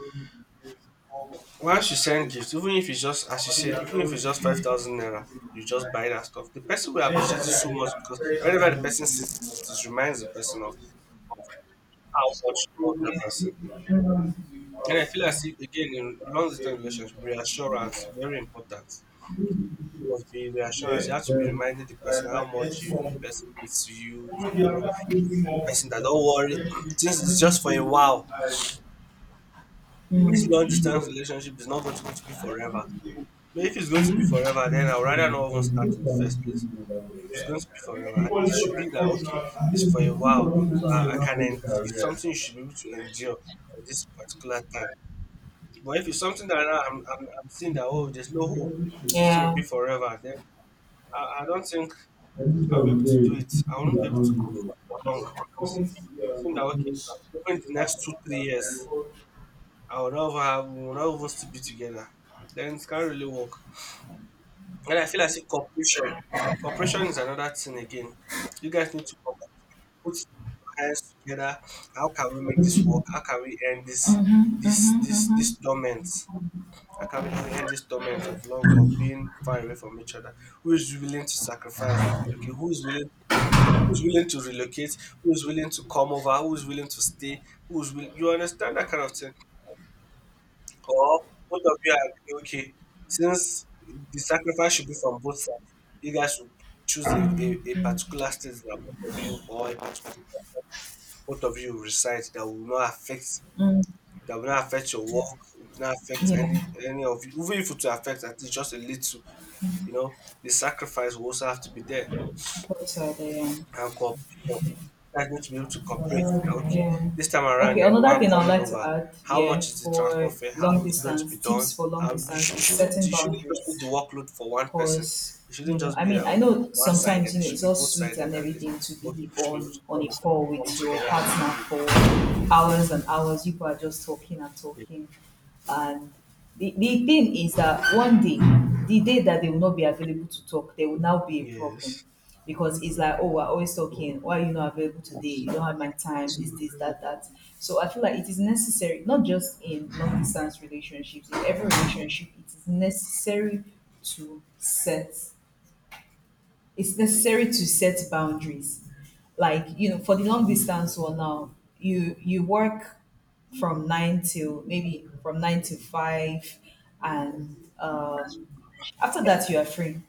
Speaker 1: once you send gift, even if it's just as you said, even if it's just five thousand naira, you just buy that stuff. The person will appreciate it so much, because whenever the person sees it, it reminds the person of how much you love that person. And I feel as if, again, in long distance relationship, reassurance very important. You must be reassurance. You have to be reminding the person how much you, the person is to you. You know, the person that don't worry. (clears throat) Things is just for a while. This long distance relationship is not going to, going to be forever. But if it's going to be forever, then I'd rather not even start in the first place. It's going to be forever, I think it should be that okay, it's for a while. So I, I can en- it's something you should be able to endure for this particular time. But if it's something that I- I'm I'm, I'm seeing that, oh, there's no hope,
Speaker 2: Yeah,
Speaker 1: this will
Speaker 2: yeah.
Speaker 1: be forever, then I, I don't think I'll be able to do it. I won't be able to cope for long, because I'm seeing that okay, even the next two, three years I would love have we would not even still be together. Then it can't really work. And I feel as if cooperation, cooperation is another thing again. You guys need to co- put your hands together. How can we make this work? How can we end this this this this torment? How can we end this torment of long of being far away from each other? Who is willing to sacrifice? Okay, who is willing? Who's willing to relocate? Who's willing to come over? Who's willing to stay? Who's will you understand that kind of thing? Or both of you agree, okay, since the sacrifice should be from both sides, you guys should choose a, a, a particular state that both of you or a part- both of you reside that will not affect
Speaker 2: Mm,
Speaker 1: that will not affect your work, would not affect
Speaker 2: yeah.
Speaker 1: any any of you. Even if it will affect at least just a little, you know, the sacrifice will also have to be there,
Speaker 2: Got to the, um,
Speaker 1: and cooperation. That's going to be able to cooperate. Like, okay,
Speaker 2: yeah.
Speaker 1: this time around,
Speaker 2: Okay,
Speaker 1: they're the
Speaker 2: another
Speaker 1: one
Speaker 2: thing I'd
Speaker 1: coming
Speaker 2: like to
Speaker 1: over.
Speaker 2: add,
Speaker 1: How
Speaker 2: yeah,
Speaker 1: much is the
Speaker 2: for
Speaker 1: transport fare? How
Speaker 2: long
Speaker 1: is it going to be
Speaker 2: distance,
Speaker 1: done?
Speaker 2: tips for long
Speaker 1: How you
Speaker 2: distance
Speaker 1: sh-
Speaker 2: is
Speaker 1: shouldn't
Speaker 2: setting
Speaker 1: you shouldn't just be
Speaker 2: boundaries.
Speaker 1: the workload for one person.
Speaker 2: Cause
Speaker 1: It shouldn't
Speaker 2: you know,
Speaker 1: just
Speaker 2: I
Speaker 1: be
Speaker 2: mean,
Speaker 1: uh,
Speaker 2: I know
Speaker 1: one sided.
Speaker 2: sometimes you
Speaker 1: It
Speaker 2: know
Speaker 1: should
Speaker 2: it's
Speaker 1: be
Speaker 2: all
Speaker 1: both
Speaker 2: sweet
Speaker 1: sided
Speaker 2: and
Speaker 1: at least.
Speaker 2: everything to
Speaker 1: Both
Speaker 2: be
Speaker 1: people should be able to
Speaker 2: on on a
Speaker 1: come,
Speaker 2: call
Speaker 1: come
Speaker 2: with your
Speaker 1: together and
Speaker 2: partner
Speaker 1: agree.
Speaker 2: for hours and hours. You are just talking and talking, and the, the thing is that one day, the day that they will not be available to talk, there will now be a problem
Speaker 1: Yes.
Speaker 2: because it's like, oh, we're always talking. Why are you not available today? You don't have my time. This, this, that, that. So I feel like it is necessary, not just in long distance relationships, in every relationship, it is necessary to set it's necessary to set boundaries like you know for the long distance one now you you work from nine till maybe from nine to five and um, after that you are free.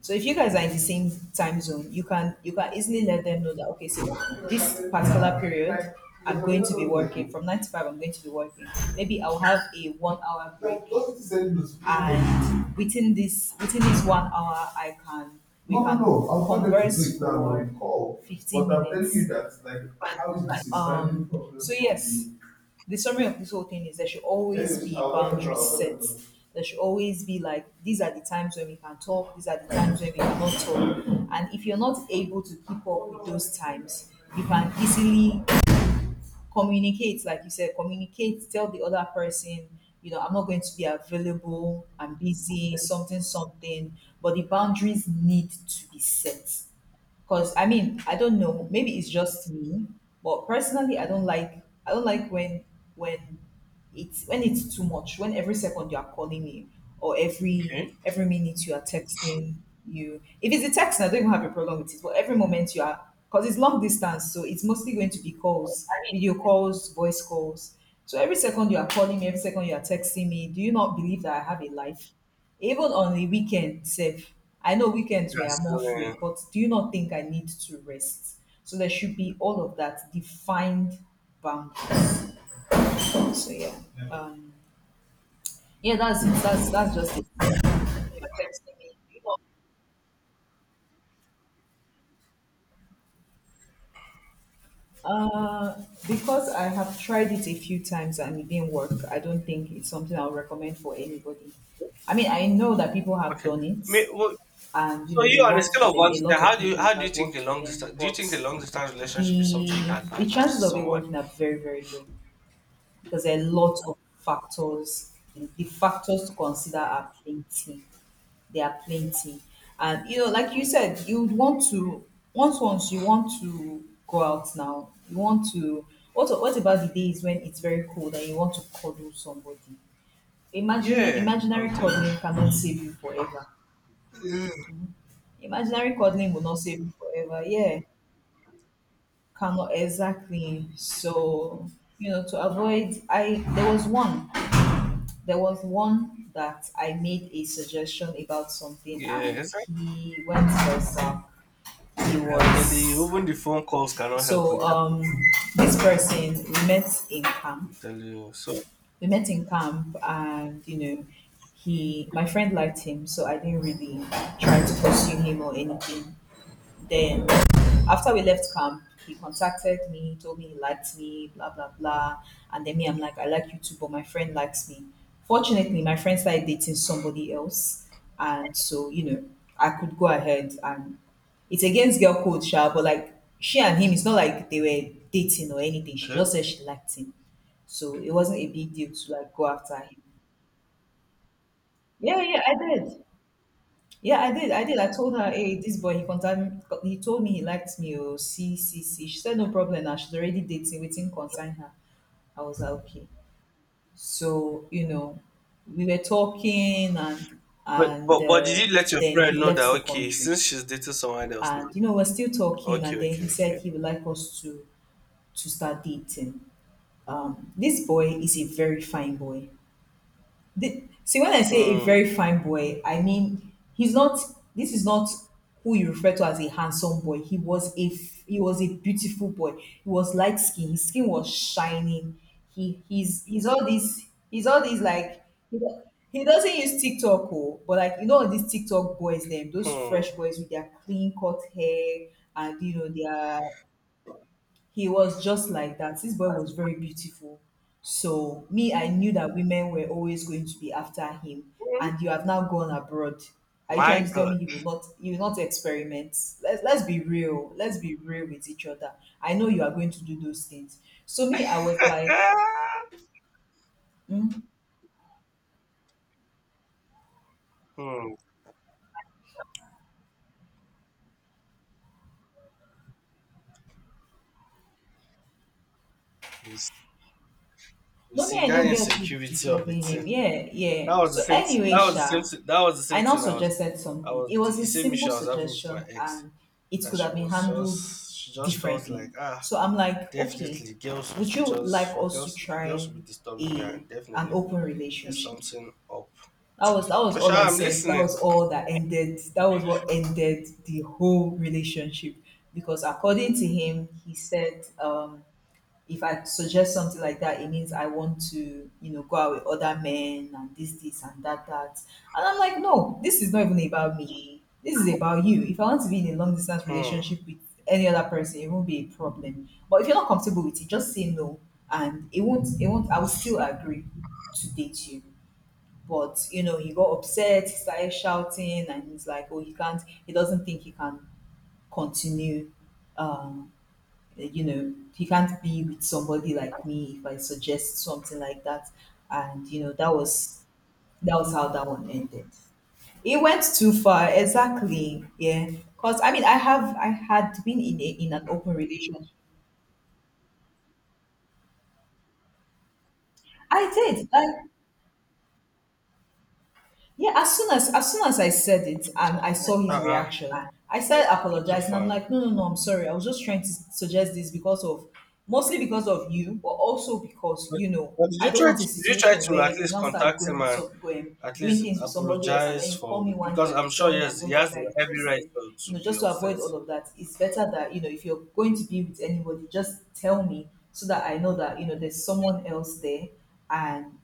Speaker 2: So if you guys are in the same time zone, you can you can easily let them know that okay, so this particular period I'm going to be working from nine to five. I'm going to be working. Maybe I'll have a one hour break, and within this within this one hour, I can we can converse for fifteen minutes. Um, so yes, the summary of this whole thing is there should always be boundaries set. There should always be like these are the times when we can talk, these are the times when we cannot talk. And if you're not able to keep up with those times, you can easily communicate, like you said, communicate, tell the other person, you know, I'm not going to be available, I'm busy, something, something. But the boundaries need to be set because I mean, I don't know. Maybe it's just me, but personally, I don't like. I don't like when when it's when it's too much. When every second you are calling me, or every
Speaker 1: Okay.
Speaker 2: every minute you are texting you. If it's a text, I don't even have a problem with it. But every moment you are, because it's long distance, so it's mostly going to be calls, video calls, voice calls. So every second you are calling me, every second you are texting me. Do you not believe that I have a life? Even on the weekend sef, I know weekends we are
Speaker 1: That's
Speaker 2: more
Speaker 1: uh,
Speaker 2: free, but do you not think I need to rest? So there should be all of that defined boundaries. So yeah, um, yeah, that's it. That's that's just it. Uh, because I have tried it a few times and it didn't work. I don't think it's something I'll recommend for anybody. I mean, I know that people have
Speaker 1: okay.
Speaker 2: done it,
Speaker 1: May, well,
Speaker 2: and you
Speaker 1: so
Speaker 2: know, it
Speaker 1: you on a
Speaker 2: worked
Speaker 1: scale
Speaker 2: for
Speaker 1: of
Speaker 2: them.
Speaker 1: one
Speaker 2: A
Speaker 1: to ten,
Speaker 2: lot
Speaker 1: how
Speaker 2: of
Speaker 1: do you
Speaker 2: people,
Speaker 1: how
Speaker 2: it
Speaker 1: do you
Speaker 2: has
Speaker 1: think a
Speaker 2: worked for
Speaker 1: long distance
Speaker 2: them,
Speaker 1: do you
Speaker 2: but
Speaker 1: think a long distance relationship is
Speaker 2: the
Speaker 1: something you can
Speaker 2: the
Speaker 1: advise to
Speaker 2: chances of it
Speaker 1: someone?
Speaker 2: working are very, very low. Because there are lots of factors. The factors to consider are plenty. They are plenty. And you know, like you
Speaker 1: Okay.
Speaker 2: said, you would want to once once you want to go out now. You want to what what about the days when it's very cold and you want to cuddle somebody? Imagine
Speaker 1: Yeah,
Speaker 2: imaginary
Speaker 1: I'm telling
Speaker 2: cuddling cannot save you forever.
Speaker 1: you.
Speaker 2: Imaginary cuddling will not save you forever. Yeah. Cannot exactly. So, you know, to avoid I there was one there was one that I made a suggestion about something,
Speaker 1: Yeah,
Speaker 2: and
Speaker 1: exactly.
Speaker 2: he went first. uh, He
Speaker 1: I'm telling you,
Speaker 2: was
Speaker 1: even the phone calls cannot help with
Speaker 2: so
Speaker 1: that.
Speaker 2: um, this person we met in
Speaker 1: I'm
Speaker 2: camp.
Speaker 1: telling you. So
Speaker 2: We met in camp, and you know, he my friend liked him, so I didn't really try to pursue him or anything. Then, after we left camp, he contacted me, told me he liked me, blah, blah, blah. And then me, I'm like, I like you too, but my friend likes me. Fortunately, my friend started dating somebody else. And so, you know, I could go ahead and it's against girl code, sha, but like she and him, it's not like they were dating or anything. She
Speaker 1: okay.
Speaker 2: just said she liked him. So it wasn't a big deal to like go after him. Yeah, yeah, I did. Yeah, I did. I did. I told her, hey, this boy, he concerned, he told me he liked me. Oh, see, see, see. She said, no problem. Now she's already dating, waiting, concern her. I was like, okay. So, you know, we were talking and,
Speaker 1: But
Speaker 2: and
Speaker 1: but but did
Speaker 2: uh,
Speaker 1: you let your
Speaker 2: then
Speaker 1: friend
Speaker 2: he
Speaker 1: know that
Speaker 2: left the
Speaker 1: okay,
Speaker 2: country.
Speaker 1: since she's dating someone else now?
Speaker 2: And, you know, we're still talking. And
Speaker 1: Okay,
Speaker 2: then
Speaker 1: okay,
Speaker 2: he
Speaker 1: okay.
Speaker 2: said he would like us to, to start dating. Um, this boy is a very fine boy. The, see, when I say a
Speaker 1: Hmm.
Speaker 2: very fine boy, I mean he's not. This is not who you refer to as a handsome boy. He was a f- he was a beautiful boy. He was light skin. His skin was shining. He he's he's all these he's all these like he do- he doesn't use TikTok oh, but like you know these TikTok boys them those fresh
Speaker 1: Hmm.
Speaker 2: boys with their clean cut hair and you know their he was just like that. This boy was very beautiful. So me, I knew that women were always going to be after him.
Speaker 1: Hmm.
Speaker 2: And you have now gone abroad. Are you
Speaker 1: My
Speaker 2: trying to tell
Speaker 1: God.
Speaker 2: me you would not you will not experiment? Let's let's be real. Let's be real with each other. I know you are going to do those things. So me, I was like,
Speaker 1: (laughs)
Speaker 2: hmm?
Speaker 1: Hmm. You see, you
Speaker 2: No, me,
Speaker 1: see
Speaker 2: I
Speaker 1: that
Speaker 2: no get who
Speaker 1: insecurity of it.
Speaker 2: disturbing him. Yeah, yeah.
Speaker 1: That was the
Speaker 2: So
Speaker 1: same. Thi-
Speaker 2: anyway,
Speaker 1: That was the same.
Speaker 2: Sha,
Speaker 1: Thi- That was the
Speaker 2: I
Speaker 1: same
Speaker 2: now
Speaker 1: thing. I was,
Speaker 2: suggested
Speaker 1: I
Speaker 2: something.
Speaker 1: was
Speaker 2: It was
Speaker 1: the
Speaker 2: a
Speaker 1: same
Speaker 2: simple
Speaker 1: issue I was having with my
Speaker 2: suggestion
Speaker 1: ex.
Speaker 2: and it
Speaker 1: That
Speaker 2: could
Speaker 1: she
Speaker 2: have been
Speaker 1: was
Speaker 2: handled
Speaker 1: just, she just felt
Speaker 2: differently.
Speaker 1: like ah,
Speaker 2: So I'm like, okay,
Speaker 1: definitely, girls
Speaker 2: would
Speaker 1: will
Speaker 2: you
Speaker 1: just
Speaker 2: like
Speaker 1: for
Speaker 2: us to
Speaker 1: girls, girls
Speaker 2: try
Speaker 1: will be disturbing me,
Speaker 2: a
Speaker 1: and
Speaker 2: an
Speaker 1: definitely
Speaker 2: open
Speaker 1: there's
Speaker 2: relationship?
Speaker 1: something up.
Speaker 2: That was that was all
Speaker 1: Joshua,
Speaker 2: I
Speaker 1: I'm
Speaker 2: said. That was
Speaker 1: listening.
Speaker 2: all that ended. That was what ended the whole relationship. Because according to him, he said um if I suggest something like that, it means I want to, you know, go out with other men and this, this, and that, that. And I'm like, no, this is not even about me. This is about you. If I want to be in a long distance
Speaker 1: Hmm.
Speaker 2: relationship with any other person, it won't be a problem. But if you're not comfortable with it, just say no, and it won't. It won't. I will still agree to date you. But you know, he got upset. He started shouting, and he's like, oh, he can't. He doesn't think he can continue um, like, you know, he can't be with somebody like me if I suggest something like that. And you know, that was that was how that one ended. It went too far, exactly. Yeah, because I mean, I have I had been in a, in an open relationship. I did. Like yeah, as soon as as soon as I said it and I saw his
Speaker 1: Uh-uh.
Speaker 2: reaction, I
Speaker 1: Yeah,
Speaker 2: started
Speaker 1: took it too
Speaker 2: apologizing. I'm
Speaker 1: far now.
Speaker 2: like, no, no, no, I'm sorry. I was just trying to suggest this because of mostly because of you, but also because
Speaker 1: But,
Speaker 2: you know
Speaker 1: but did
Speaker 2: I
Speaker 1: you
Speaker 2: don't
Speaker 1: try?
Speaker 2: want
Speaker 1: To,
Speaker 2: a
Speaker 1: did you try
Speaker 2: situation
Speaker 1: to at
Speaker 2: where you
Speaker 1: least
Speaker 2: now
Speaker 1: contact
Speaker 2: start going
Speaker 1: him
Speaker 2: with
Speaker 1: and
Speaker 2: some going
Speaker 1: at
Speaker 2: doing
Speaker 1: least
Speaker 2: things with somebody else, and
Speaker 1: apologize
Speaker 2: then you call
Speaker 1: for?
Speaker 2: me one day
Speaker 1: Because
Speaker 2: and you
Speaker 1: I'm sure,
Speaker 2: tell me I'm
Speaker 1: yes,
Speaker 2: no
Speaker 1: he has
Speaker 2: longer
Speaker 1: the every right
Speaker 2: interested.
Speaker 1: to,
Speaker 2: You
Speaker 1: to
Speaker 2: know,
Speaker 1: be
Speaker 2: just to
Speaker 1: upset.
Speaker 2: avoid all of that, it's better that you know if you're going to be with anybody, just tell me so that I know that you know there's someone else there, and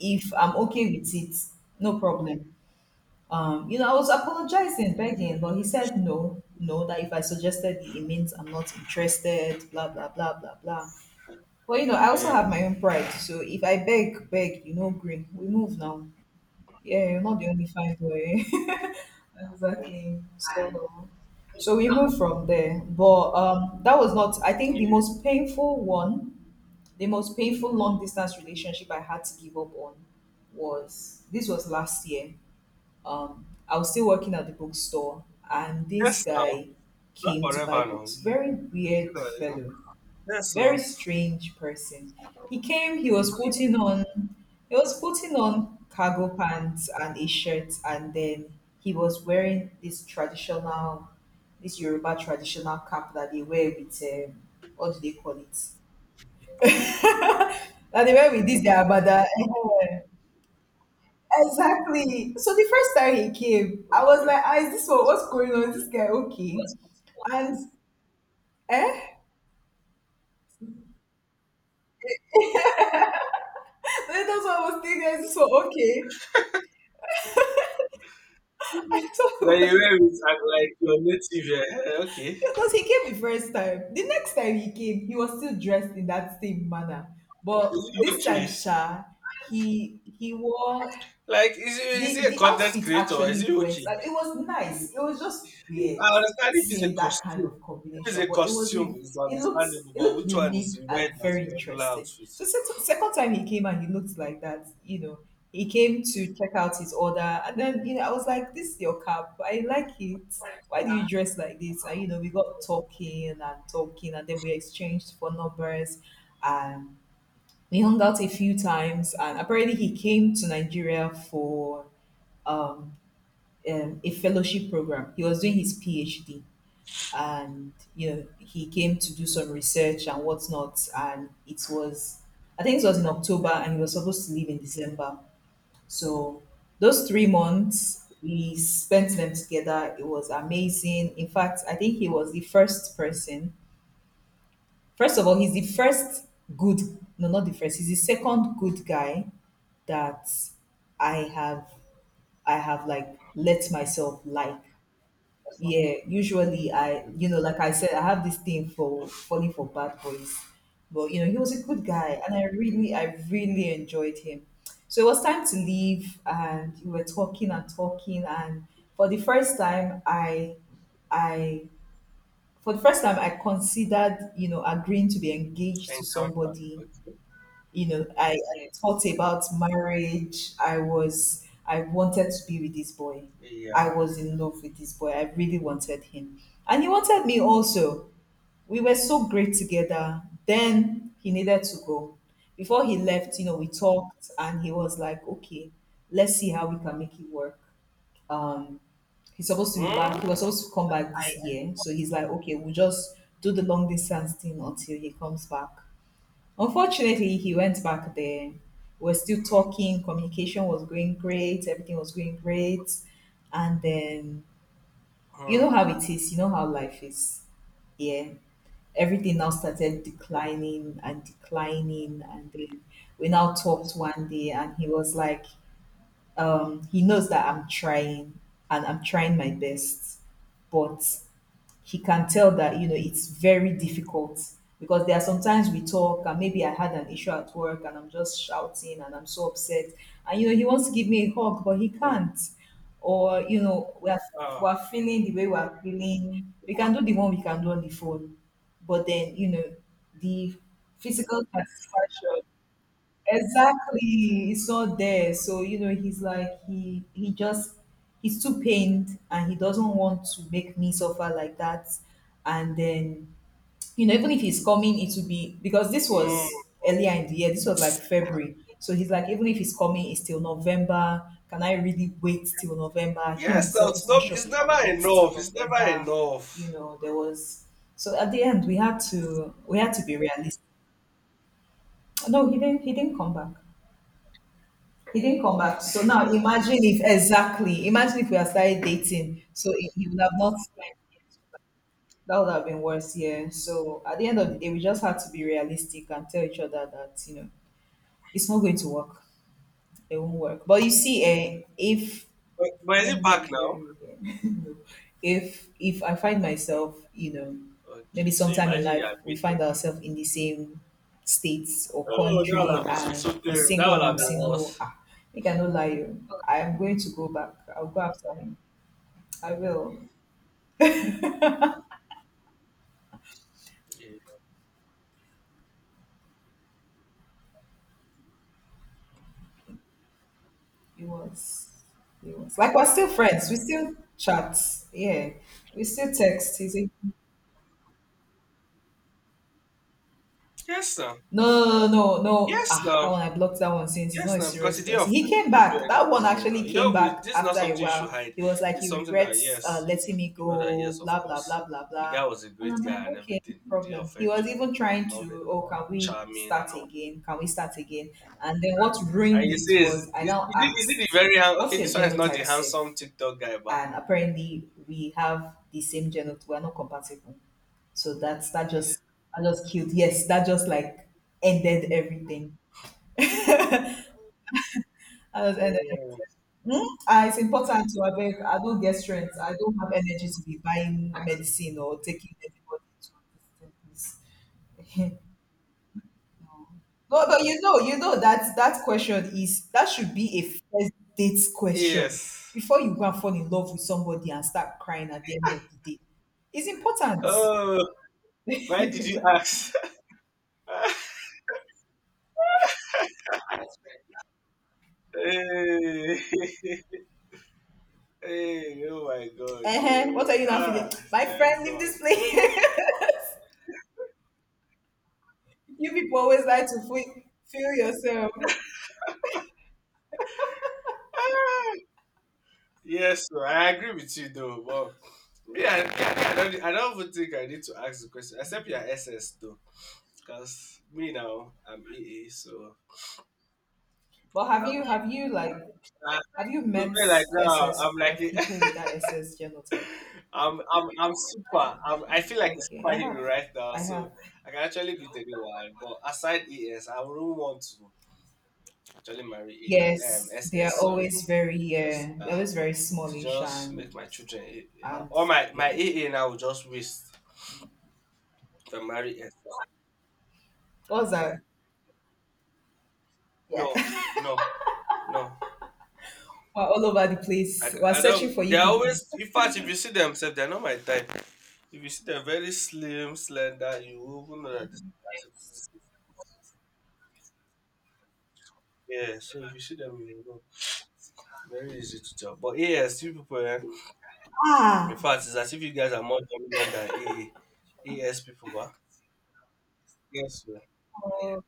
Speaker 2: if I'm okay with it, no problem. Um, you know, I was apologizing, begging, but he said no, no, that if I suggested it, it means I'm not interested, blah, blah, blah, blah, blah. But, you know, I also
Speaker 1: Yeah.
Speaker 2: have my own pride. So if I beg, beg, you know, green, we move now. Yeah, you're not the only fine boy. (laughs) Exactly. So, so we moved from there. But um, that was not, I think, the
Speaker 1: Yeah.
Speaker 2: most painful one. The most painful long distance relationship I had to give up on was, this was last year. um, I was still working at the bookstore, and this
Speaker 1: Yes. Now,
Speaker 2: guy
Speaker 1: not
Speaker 2: came to buy
Speaker 1: forever. Now.
Speaker 2: books.
Speaker 1: You-
Speaker 2: Very
Speaker 1: you see
Speaker 2: weird
Speaker 1: that. It's not-
Speaker 2: fellow,
Speaker 1: Yes.
Speaker 2: very
Speaker 1: Now.
Speaker 2: strange person. He came. He was putting on, he was putting on cargo pants and a shirt, and then he was wearing this traditional, this Yoruba traditional cap that they wear with, um, what do they call it? (laughs) That they wear with this their abada. (laughs) Exactly. So the first time he came, I was
Speaker 1: Okay.
Speaker 2: like, ah, is this what, what's going on? Is this guy okay? And eh? (laughs) Then that's what I was thinking. Is this what okay? (laughs) I thought
Speaker 1: Now
Speaker 2: it
Speaker 1: you
Speaker 2: was
Speaker 1: wear it and like your native. Yeah. Okay.
Speaker 2: because he came the first time. The next time he came, he was still dressed in that same manner.
Speaker 1: Is
Speaker 2: But
Speaker 1: he
Speaker 2: this time,
Speaker 1: okay?
Speaker 2: Sha, he he wore
Speaker 1: Like, is he, is he
Speaker 2: the
Speaker 1: a
Speaker 2: the
Speaker 1: content
Speaker 2: outfit.
Speaker 1: creator? Is he
Speaker 2: Actually, went
Speaker 1: okay?
Speaker 2: like it was
Speaker 1: If-
Speaker 2: nice. It was just weird
Speaker 1: I understand if it's a
Speaker 2: seeing that kind
Speaker 1: costume.
Speaker 2: of
Speaker 1: If it's
Speaker 2: combination,
Speaker 1: a
Speaker 2: but it was
Speaker 1: costume,
Speaker 2: a,
Speaker 1: it's
Speaker 2: it looked
Speaker 1: understandable.
Speaker 2: it
Speaker 1: But
Speaker 2: looked
Speaker 1: which one
Speaker 2: unique
Speaker 1: is
Speaker 2: and
Speaker 1: weird as
Speaker 2: very
Speaker 1: a regular
Speaker 2: interesting.
Speaker 1: outfit?
Speaker 2: So se- second time he came and he looked like that, you know, he came to check out his order, and then you know I was like, "This is your cap. I like it. Why do you dress like this?" And you know we got talking and talking, and then we exchanged phone numbers, and we hung out a few times. And apparently he came to Nigeria for um, um, a fellowship program. He was doing his PhD, and you know he came to do some research and whatnot. And it was, I think it was in October, and he was supposed to leave in December. So those three months we spent them together. It was amazing. In fact, I think he was the first person. First of all, he's the first good. No, not the first. He's the second good guy that I have I have like let myself like. Yeah, usually I, you know, like I said, I have this thing for
Speaker 1: Hmm?
Speaker 2: falling for bad boys. But, you know, he was a good guy and I really, I really enjoyed him. So it was time to leave and we were talking and talking. And for the first time, I, I, for the first time, I considered, you know, agreeing to be engaged to
Speaker 1: Encounter.
Speaker 2: somebody.
Speaker 1: Okay.
Speaker 2: You know, I thought about marriage. I was, I wanted to be with this boy. I
Speaker 1: Yeah.
Speaker 2: was in love with this boy. I really wanted him. And he wanted me also. We were so great together. Then he needed to go. Before he left, you know, we talked and he was like, okay, let's see how we can make it work. Um, he's supposed to be back. He was
Speaker 1: Hmm?
Speaker 2: supposed to come back this year. So he's like, okay, we'll just do the long distance thing until he comes back. Unfortunately, he went back there. We're still talking. Communication was going great. Everything was going great. And then, you know
Speaker 1: Hmm.
Speaker 2: how it is. You know how life is. Yeah. Everything now started declining and declining. And then we now talked one day, and he was like, um, he knows that I'm trying and I'm trying my best. But he can tell that you know it's very difficult because there are sometimes we talk and maybe I had an issue at work and I'm just shouting and I'm so upset and you know he wants to give me a hug but he
Speaker 1: Hmm.
Speaker 2: can't. Or you know we're
Speaker 1: Ah.
Speaker 2: we're feeling the way we're feeling, we can do the one we can do on the phone, but then you know the physical satisfaction. Exactly. It's all there. So, you know, he's like he he just he's too pained and he doesn't want to make me suffer like that. And then, you know, even if he's coming, it will be because this
Speaker 1: Hmm.
Speaker 2: was earlier in the year, this was like February. So he's like, even if he's coming, it's till November. Can I really wait till November? Him
Speaker 1: Yes, no,
Speaker 2: himself
Speaker 1: it's,
Speaker 2: is not
Speaker 1: not,
Speaker 2: sure
Speaker 1: it's
Speaker 2: he can
Speaker 1: never
Speaker 2: wait till
Speaker 1: enough. It's never
Speaker 2: November. You
Speaker 1: enough.
Speaker 2: know, there was so at the end we had to we had to be realistic. No, he didn't he didn't come back. He didn't come back. So now imagine if exactly imagine if we had started dating. So he he would have not. That would have been worse, yeah. So at the end of the day, we just had to be realistic and tell each other that, you know, it's not going to work. It won't work. But you see, eh, if
Speaker 1: But, but
Speaker 2: is
Speaker 1: is it
Speaker 2: anybody
Speaker 1: back now?
Speaker 2: hearing me here? (laughs) No. If if I find myself, you know, maybe
Speaker 1: Okay, so
Speaker 2: sometime in
Speaker 1: imagine you
Speaker 2: life
Speaker 1: are
Speaker 2: we find
Speaker 1: beaten.
Speaker 2: ourselves in the same states or
Speaker 1: Oh,
Speaker 2: country
Speaker 1: that would have been so
Speaker 2: and he's
Speaker 1: terrible. That
Speaker 2: single
Speaker 1: would
Speaker 2: and
Speaker 1: have
Speaker 2: I'm
Speaker 1: been
Speaker 2: single,
Speaker 1: worse.
Speaker 2: ah, I cannot lie you. I am going to go back. I'll go after him. I will.
Speaker 1: Yeah.
Speaker 2: It was it was like we're still friends. We still chat. Yeah. We still text. He's a
Speaker 1: Yes, now.
Speaker 2: no, no, no, no.
Speaker 1: Yes,
Speaker 2: Ah, that
Speaker 1: now.
Speaker 2: one I blocked that one since he's not
Speaker 1: Yes,
Speaker 2: a
Speaker 1: now, because you
Speaker 2: serious
Speaker 1: didn't
Speaker 2: person. He
Speaker 1: offend,
Speaker 2: came
Speaker 1: you didn't do
Speaker 2: back. That one
Speaker 1: anything wrong. Now
Speaker 2: actually
Speaker 1: you
Speaker 2: came
Speaker 1: don't really.
Speaker 2: back
Speaker 1: This is not
Speaker 2: after a
Speaker 1: something you should
Speaker 2: while.
Speaker 1: hide.
Speaker 2: He was like,
Speaker 1: This is
Speaker 2: he
Speaker 1: something that,
Speaker 2: regrets uh,
Speaker 1: yes,
Speaker 2: letting me
Speaker 1: you know that,
Speaker 2: go,
Speaker 1: yes, of
Speaker 2: blah, blah,
Speaker 1: course,
Speaker 2: blah, blah,
Speaker 1: the guy
Speaker 2: blah.
Speaker 1: was a
Speaker 2: And
Speaker 1: great
Speaker 2: I'm like,
Speaker 1: guy and
Speaker 2: okay, no
Speaker 1: everything. He didn't
Speaker 2: problem. He
Speaker 1: offend
Speaker 2: was
Speaker 1: you, and
Speaker 2: even
Speaker 1: he was
Speaker 2: trying
Speaker 1: loving and
Speaker 2: to, oh,
Speaker 1: all
Speaker 2: can
Speaker 1: that,
Speaker 2: we
Speaker 1: charming and
Speaker 2: start
Speaker 1: all.
Speaker 2: again? Can we start again? And then what
Speaker 1: And
Speaker 2: ruined
Speaker 1: you
Speaker 2: it
Speaker 1: see, is is,
Speaker 2: was I
Speaker 1: is
Speaker 2: now
Speaker 1: it is it the
Speaker 2: asked,
Speaker 1: very hand?
Speaker 2: what's
Speaker 1: Okay,
Speaker 2: your
Speaker 1: this one is not the
Speaker 2: genotype,
Speaker 1: handsome
Speaker 2: safe?
Speaker 1: TikTok guy, but
Speaker 2: And apparently we have the same genotype. We're not compatible. So that's that just I just killed. Yes, that just like ended everything. I just ended
Speaker 1: mm,
Speaker 2: everything. Hmm? Ah, it's important to abeg. I don't get strength. I don't have energy to be buying medicine or taking anybody to this place. No, but you know, you know that that question is that should be a first date question
Speaker 1: yes.
Speaker 2: before you go and fall in love with somebody and start crying at the end of the day. It's important.
Speaker 1: Oh, why did
Speaker 2: (laughs)
Speaker 1: you ask? (laughs) Hey, (laughs) hey, oh my God,
Speaker 2: Uh, what
Speaker 1: God.
Speaker 2: are you now feeling?
Speaker 1: Ah,
Speaker 2: My
Speaker 1: thank
Speaker 2: friend, leave
Speaker 1: God.
Speaker 2: this place. (laughs) You people always like to feel, feel yourself.
Speaker 1: Ah. Yes, sir, I agree with you though, but me, I, me, I, I don't, need- I don't even think I need to ask the question. Except your S S though, because me, now I'm A A, so
Speaker 2: But have you
Speaker 1: I'm
Speaker 2: have you like
Speaker 1: like,
Speaker 2: have you
Speaker 1: for
Speaker 2: met
Speaker 1: me, like now I'm
Speaker 2: S S
Speaker 1: like
Speaker 2: like
Speaker 1: a,
Speaker 2: people with that S S genotype?
Speaker 1: (laughs) I'm I'm I'm
Speaker 2: Oh, yeah.
Speaker 1: super. I'm, I feel like a
Speaker 2: Okay, I
Speaker 1: superhero
Speaker 2: have,
Speaker 1: right now,
Speaker 2: I
Speaker 1: so
Speaker 2: have.
Speaker 1: I can actually beat anyone. But aside E S, I wouldn't want to actually marry A- um
Speaker 2: Yes, they
Speaker 1: S S.
Speaker 2: are
Speaker 1: Sorry,
Speaker 2: always very
Speaker 1: because
Speaker 2: yeah,
Speaker 1: uh,
Speaker 2: they're always very
Speaker 1: to
Speaker 2: smallish
Speaker 1: just make
Speaker 2: and
Speaker 1: my children A-
Speaker 2: and
Speaker 1: all my my
Speaker 2: yeah.
Speaker 1: A A now will just waste. The Marius.
Speaker 2: What's that?
Speaker 1: No,
Speaker 2: Yeah, (laughs)
Speaker 1: no, no.
Speaker 2: we're all over the
Speaker 1: I,
Speaker 2: place.
Speaker 1: ca-
Speaker 2: We're
Speaker 1: I
Speaker 2: searching
Speaker 1: don't.
Speaker 2: for you
Speaker 1: They're
Speaker 2: people.
Speaker 1: always. In fact, if you see themselves, they're not my type. If you see them very slim, slender, you will even know that this. is- my type. Yeah. So if you see them, you will know. Very easy to tell. But A S you people, eh? In
Speaker 2: Ah,
Speaker 1: fact, it's as if you guys are more dominant than A A. A S people, but yes, yeah.
Speaker 2: oh,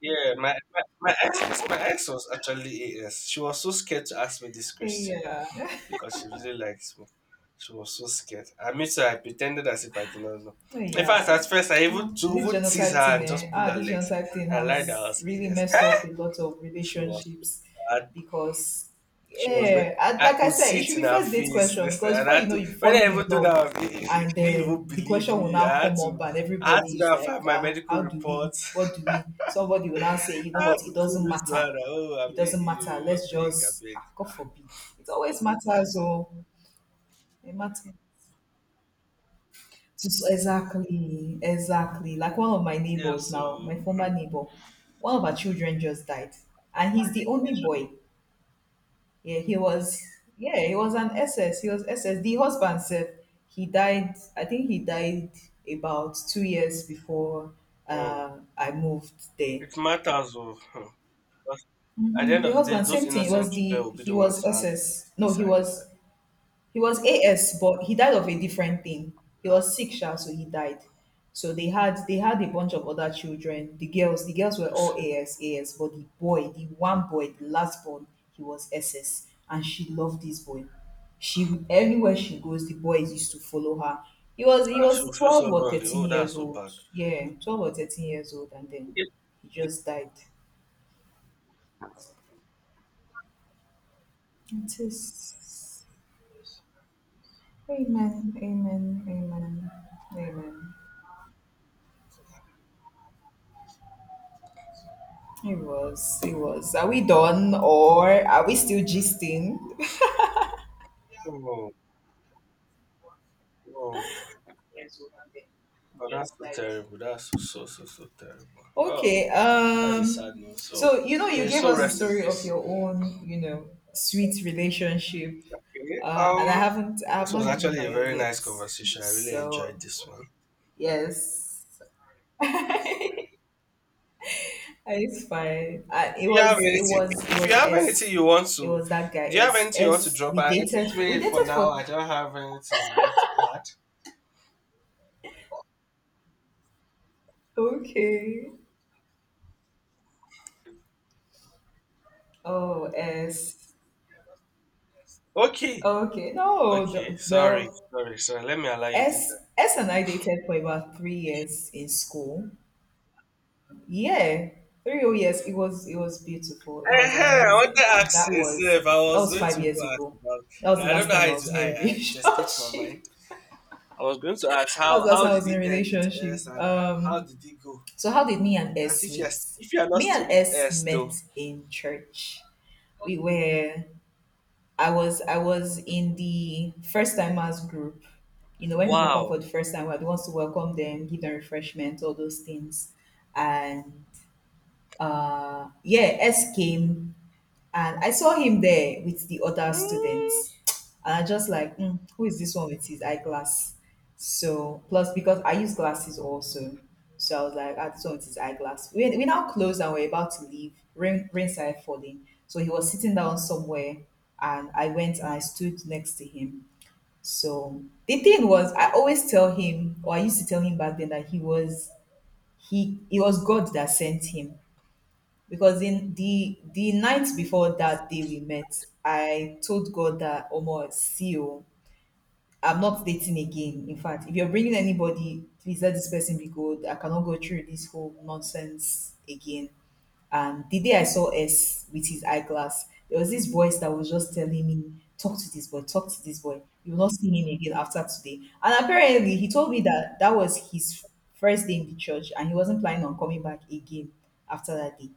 Speaker 1: Yeah, my, my, my ex my ex was actually A S. She was so scared to ask me this question,
Speaker 2: yeah.
Speaker 1: because she really likes me. She was so scared. I made her, I pretended as if I did not know. In fact,
Speaker 2: Yeah.
Speaker 1: at first, I even
Speaker 2: Um,
Speaker 1: to
Speaker 2: this
Speaker 1: even tease
Speaker 2: genotype
Speaker 1: her
Speaker 2: thing,
Speaker 1: and
Speaker 2: eh?
Speaker 1: just pull
Speaker 2: Ah,
Speaker 1: her
Speaker 2: this
Speaker 1: legs.
Speaker 2: genotype thing
Speaker 1: I lied that I
Speaker 2: has
Speaker 1: was
Speaker 2: really
Speaker 1: E S.
Speaker 2: messed up a lot of
Speaker 1: (laughs) She was
Speaker 2: relationships
Speaker 1: bad.
Speaker 2: because,
Speaker 1: She was very.
Speaker 2: yeah, and
Speaker 1: I
Speaker 2: like I
Speaker 1: could
Speaker 2: said,
Speaker 1: see
Speaker 2: it
Speaker 1: it
Speaker 2: should
Speaker 1: in
Speaker 2: be
Speaker 1: her
Speaker 2: first date
Speaker 1: face.
Speaker 2: question
Speaker 1: This thing.
Speaker 2: because
Speaker 1: And I
Speaker 2: before you
Speaker 1: had
Speaker 2: know
Speaker 1: to.
Speaker 2: you've
Speaker 1: When
Speaker 2: fallen
Speaker 1: I
Speaker 2: in
Speaker 1: even told her,
Speaker 2: love,
Speaker 1: I was E S, she
Speaker 2: and
Speaker 1: didn't even
Speaker 2: then the
Speaker 1: believe
Speaker 2: question will
Speaker 1: me.
Speaker 2: now
Speaker 1: I had
Speaker 2: come up,
Speaker 1: to.
Speaker 2: and
Speaker 1: I had to
Speaker 2: everybody
Speaker 1: go
Speaker 2: is
Speaker 1: and
Speaker 2: like,
Speaker 1: find my
Speaker 2: ah,
Speaker 1: medical
Speaker 2: how do we?
Speaker 1: reports.
Speaker 2: What do we? Somebody will now say, you
Speaker 1: (laughs)
Speaker 2: know
Speaker 1: I had
Speaker 2: what?
Speaker 1: to
Speaker 2: It
Speaker 1: prove
Speaker 2: doesn't
Speaker 1: it to her.
Speaker 2: matter.
Speaker 1: That, oh, I'm
Speaker 2: It doesn't matter.
Speaker 1: you. I
Speaker 2: Let's
Speaker 1: beg, I
Speaker 2: just,
Speaker 1: beg.
Speaker 2: ah, God
Speaker 1: Ah,
Speaker 2: forbid. It always matters, oh, it matters. Just exactly, exactly. Like one of my
Speaker 1: yeah,
Speaker 2: neighbors now,
Speaker 1: so
Speaker 2: my
Speaker 1: hmm,
Speaker 2: former neighbor, one of our children just died, and he's the only boy. Yeah, he was. Yeah, he was an S S. He was S S. The husband said he died. I think he died about two years before
Speaker 1: hmm,
Speaker 2: uh, I moved there.
Speaker 1: it matters. Oh, hmm. At the
Speaker 2: hmm
Speaker 1: end
Speaker 2: The
Speaker 1: of the day,
Speaker 2: husband,
Speaker 1: those
Speaker 2: same thing. It
Speaker 1: innocent
Speaker 2: was
Speaker 1: children
Speaker 2: the
Speaker 1: will be
Speaker 2: he
Speaker 1: the ones
Speaker 2: was
Speaker 1: to have the,
Speaker 2: S S.
Speaker 1: the
Speaker 2: No, he
Speaker 1: side
Speaker 2: was
Speaker 1: effects.
Speaker 2: He was A S, but he died of a different thing. He was sick, sha, so he died. So they had they had a bunch of other children. The girls, the girls were
Speaker 1: You
Speaker 2: all
Speaker 1: see,
Speaker 2: A S, A S, but the boy, the one boy, the last born, he was S S, and she loved this boy. She anywhere she goes, the boys used to follow her. He was he
Speaker 1: ah, she'll
Speaker 2: was
Speaker 1: feel so
Speaker 2: twelve or
Speaker 1: lonely.
Speaker 2: thirteen
Speaker 1: Oh, that's
Speaker 2: years
Speaker 1: so
Speaker 2: old.
Speaker 1: bad.
Speaker 2: Yeah, twelve or thirteen years old, and then
Speaker 1: Yes.
Speaker 2: he just died. It is. Amen. Amen. Amen. Amen. It was, it was. Are we done or are we still gisting? (laughs)
Speaker 1: Oh, oh, oh that's so, yes, like- terrible. That's so, so, so, so terrible. Oh,
Speaker 2: Okay.
Speaker 1: that's a sad
Speaker 2: Um.
Speaker 1: news. So,
Speaker 2: So you know,
Speaker 1: may
Speaker 2: you
Speaker 1: you
Speaker 2: gave
Speaker 1: so
Speaker 2: us the
Speaker 1: rest in
Speaker 2: story of
Speaker 1: peace.
Speaker 2: your own, you know, sweet relationship,
Speaker 1: Okay.
Speaker 2: uh, and
Speaker 1: Um,
Speaker 2: I haven't, I have
Speaker 1: this was
Speaker 2: not given
Speaker 1: actually a
Speaker 2: my own
Speaker 1: very nice
Speaker 2: yet.
Speaker 1: conversation. I really enjoyed
Speaker 2: So
Speaker 1: this one.
Speaker 2: yes, (laughs) it's fine. Uh, it
Speaker 1: If you have
Speaker 2: was, it
Speaker 1: anything,
Speaker 2: was, it
Speaker 1: if you
Speaker 2: was
Speaker 1: have anything
Speaker 2: S.
Speaker 1: you want
Speaker 2: It
Speaker 1: to,
Speaker 2: was that guy
Speaker 1: Do you have
Speaker 2: S.
Speaker 1: anything you want to
Speaker 2: S.
Speaker 1: drop?
Speaker 2: We
Speaker 1: I think
Speaker 2: dated. We
Speaker 1: maybe for
Speaker 2: dated
Speaker 1: now
Speaker 2: for.
Speaker 1: I don't have anything I would like to add.
Speaker 2: Okay. Oh, S.
Speaker 1: Okay.
Speaker 2: Okay. No. the-
Speaker 1: Okay, sorry,
Speaker 2: Well,
Speaker 1: sorry, sorry. Let me allow you to do that.
Speaker 2: S S and I dated for about three years in school. Yeah, three whole years. It was it was beautiful. It was
Speaker 1: Eh, I wanted to
Speaker 2: amazing, and
Speaker 1: ask
Speaker 2: that
Speaker 1: you, sir,
Speaker 2: was
Speaker 1: if I
Speaker 2: that
Speaker 1: was
Speaker 2: was
Speaker 1: going to
Speaker 2: five
Speaker 1: go
Speaker 2: years
Speaker 1: ask
Speaker 2: ago. That was
Speaker 1: about.
Speaker 2: the
Speaker 1: I don't
Speaker 2: last
Speaker 1: know how
Speaker 2: time I
Speaker 1: it.
Speaker 2: was
Speaker 1: I,
Speaker 2: in a (laughs)
Speaker 1: I It
Speaker 2: relationship.
Speaker 1: escaped my mind.
Speaker 2: That
Speaker 1: I was going to ask
Speaker 2: was
Speaker 1: how
Speaker 2: the last
Speaker 1: how
Speaker 2: time I
Speaker 1: did
Speaker 2: was in a
Speaker 1: it end with
Speaker 2: relationship.
Speaker 1: S, and how
Speaker 2: Um,
Speaker 1: did it go?
Speaker 2: so how did me and
Speaker 1: That's
Speaker 2: S
Speaker 1: if you're
Speaker 2: meet?
Speaker 1: if you're not
Speaker 2: Me
Speaker 1: still
Speaker 2: and
Speaker 1: with
Speaker 2: S
Speaker 1: S
Speaker 2: met
Speaker 1: though.
Speaker 2: in church. We were I was I was in the first timers group. You know, when people come
Speaker 1: Wow.
Speaker 2: for the first time, we're the ones to welcome them, give them refreshments, all those things. And uh yeah, S came and I saw him there with the other
Speaker 1: Mm.
Speaker 2: students. (tsk) And I just like, mm, who is this one with his eyeglass? So, plus because I use glasses also. So I was like, ah, this one with his eyeglass. We, we now closed and we're about to leave. Rain, rain started falling. So he was sitting down somewhere and I went and I stood next to him. So the thing was,
Speaker 1: Okay.
Speaker 2: I always tell him, or I used to tell him back then that he was, he, it was God that sent him because in the the night before that day we met, I told God that, "Omo, see you. I'm not dating again. In fact, if you're bringing anybody, please let this person be good. I cannot go through this whole nonsense again." And the day I saw S with his eyeglass, there was this voice that was just telling me, "Talk to this boy, talk to this boy. You will not see him again after today." And apparently, he told me that that was his first day in the church, and he wasn't planning on coming back again after that day.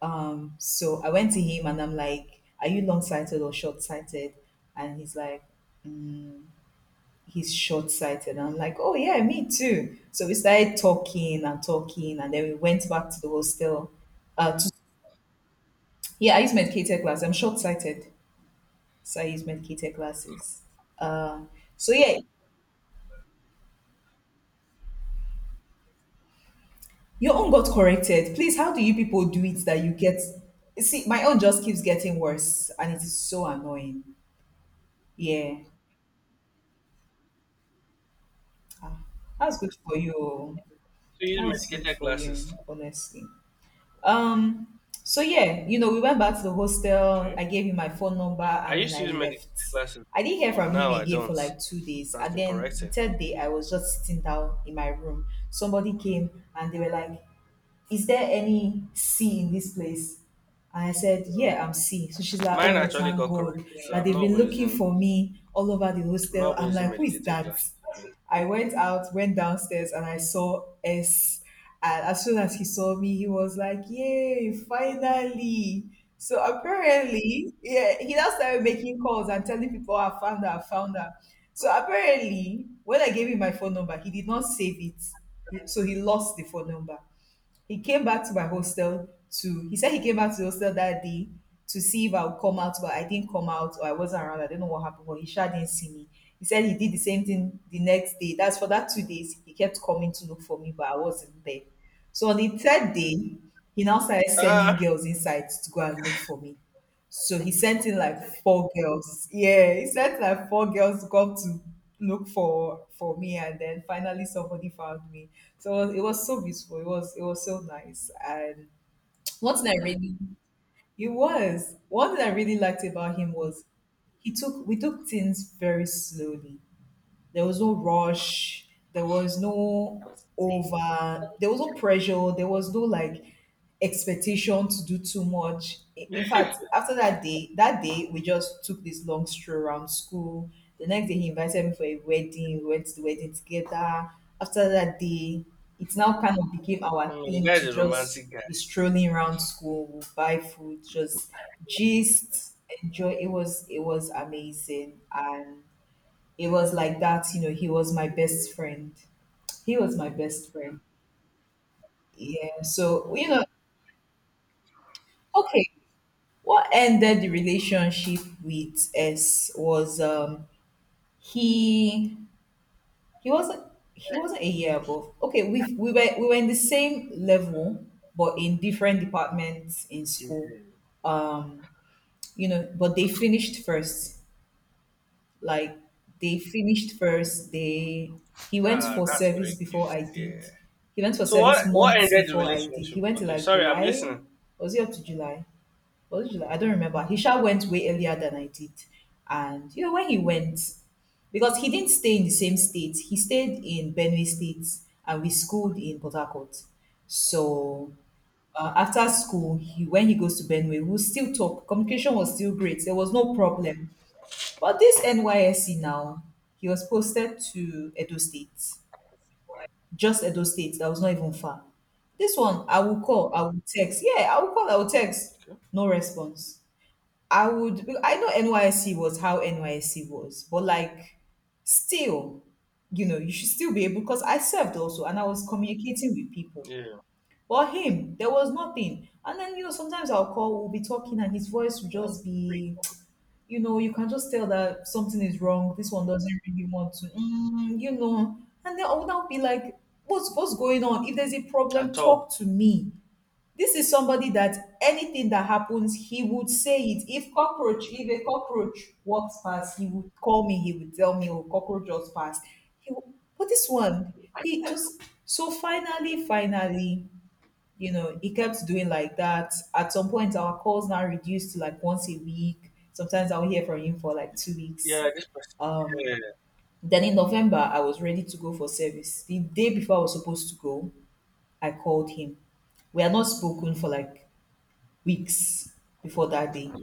Speaker 2: Um, so I went to him and I'm like, are you long sighted or short sighted? And he's like, mm, he's short sighted. And I'm like, oh, yeah, me too. So we started talking and talking, and then we went back to the hostel. Uh, to, yeah, I use medicated glasses. I'm short sighted, so I use medicated glasses. Uh, so yeah, your own got corrected. Please, how do you people do it that you get? See, my own just keeps getting worse, and it is so annoying. Yeah, that's good for you.
Speaker 1: So you use
Speaker 2: That's good
Speaker 1: medicated
Speaker 2: for
Speaker 1: glasses.
Speaker 2: you, honestly. Um, so yeah, you know, we went back to the hostel.
Speaker 1: Okay.
Speaker 2: I gave him my phone number
Speaker 1: I
Speaker 2: and then
Speaker 1: used to
Speaker 2: I
Speaker 1: use medicated
Speaker 2: left.
Speaker 1: glasses,
Speaker 2: I didn't hear
Speaker 1: but
Speaker 2: from him
Speaker 1: now I
Speaker 2: again for
Speaker 1: don't.
Speaker 2: like two days.
Speaker 1: That's
Speaker 2: And
Speaker 1: been
Speaker 2: then the
Speaker 1: corrected.
Speaker 2: third day, I was just sitting down in my room. Somebody came and they were like, is there any C in this place? And I said,
Speaker 1: Oh.
Speaker 2: yeah, I'm C. So she's like,
Speaker 1: Mine
Speaker 2: oh,
Speaker 1: actually
Speaker 2: thank
Speaker 1: got
Speaker 2: God
Speaker 1: corrected, so
Speaker 2: that
Speaker 1: I'm
Speaker 2: they've
Speaker 1: not
Speaker 2: been
Speaker 1: even
Speaker 2: looking
Speaker 1: using
Speaker 2: for me all over the hostel.
Speaker 1: love when
Speaker 2: I'm
Speaker 1: not
Speaker 2: like, who is
Speaker 1: medicated
Speaker 2: that?
Speaker 1: glass.
Speaker 2: I went out, went downstairs, and I saw S. And as soon as he saw me, he was like, yay, finally. So apparently, yeah, he now started making calls and telling people, I found her, I found her. So apparently, when I gave him my phone number, he did not save it. He- So he lost the phone number. He came back to my hostel to he said he came back to the hostel that day to see if I would come out, but I didn't come out or I wasn't around. I don't know what happened, but he sure didn't see me. He said he did the same thing the next day. That's for that two days. He kept coming to look for me, but I wasn't there. So on the third day, he now started sending
Speaker 1: Ah,
Speaker 2: girls inside to go and look for me. So he sent in like four girls. Yeah, he sent like four girls to come to look for for me, and then finally somebody found me. So it was it was so beautiful. It was it was so nice. And one thing I really it was one thing I really liked about him was he took we took things very slowly. There was no rush. There was no over. There was no pressure. There was no like expectation to do too much. I- In fact, after that day, that day we just took this long stroll around school. The next day he invited me for a wedding. We went to the wedding together. After that day, it's now kind of became our
Speaker 1: mm, the
Speaker 2: thing
Speaker 1: guy
Speaker 2: to
Speaker 1: is a
Speaker 2: just
Speaker 1: romantic guy.
Speaker 2: be strolling around school, we'll buy food, just gist, enjoy. It was it was amazing and it was like that, you know, he was my best friend. He was my best friend. Yeah. So, you know, okay, what ended the relationship with S was um he he wasn't he wasn't a year above. Okay, we we were we were in the same level but in different departments in school.
Speaker 1: Mhm.
Speaker 2: Um, you know, but they finished first. Like they finished first. They He went
Speaker 1: Ah,
Speaker 2: for
Speaker 1: that's very
Speaker 2: service
Speaker 1: cute.
Speaker 2: before I did.
Speaker 1: Yeah.
Speaker 2: He went for
Speaker 1: So what
Speaker 2: service
Speaker 1: what
Speaker 2: months
Speaker 1: ended the
Speaker 2: before I did. He
Speaker 1: relationship?
Speaker 2: went to
Speaker 1: Okay,
Speaker 2: like
Speaker 1: sorry, I'm
Speaker 2: July.
Speaker 1: listening.
Speaker 2: Was he up to July? Was it July? I don't remember. He sure went way earlier than I did. And you know when he went because he didn't stay in the same state. He stayed in Benue State and we schooled in Port Harcourt. So uh, after school, he when he goes to Benue, we'll still talk. Communication was still great. There was no problem. But this N Y S C now, he was posted to Edo State, just Edo State. That was not even far. This one, I will call, I will text. Yeah, I will call, I will text.
Speaker 1: Okay.
Speaker 2: No response. I would, I know N Y S C was how N Y S C was, but like, still, you know, you should still be able, because I served also and I was communicating with people.
Speaker 1: Yeah.
Speaker 2: But him, there was nothing. And then, you know, sometimes I'll call, we'll be talking and his voice will just be you know, you can just tell that something is wrong. This one doesn't really want to, mm, you know. And then I would now be like, what's, what's going on? If there's a problem,
Speaker 1: At all.
Speaker 2: talk to me. This is somebody that anything that happens, he would say it. If cockroach, if a cockroach walks past, he would call me. He would tell me, "Oh, cockroach just passed." He, would- but this one, he just so finally, finally, you know, it kept doing like that. At some point, our calls now reduced to like once a week. Sometimes I'll hear from him for like two weeks.
Speaker 1: Yeah, this person.
Speaker 2: Um, then in November, I was ready to go for service. The day before I was supposed to go, I called him. We had not spoken for like weeks before that day.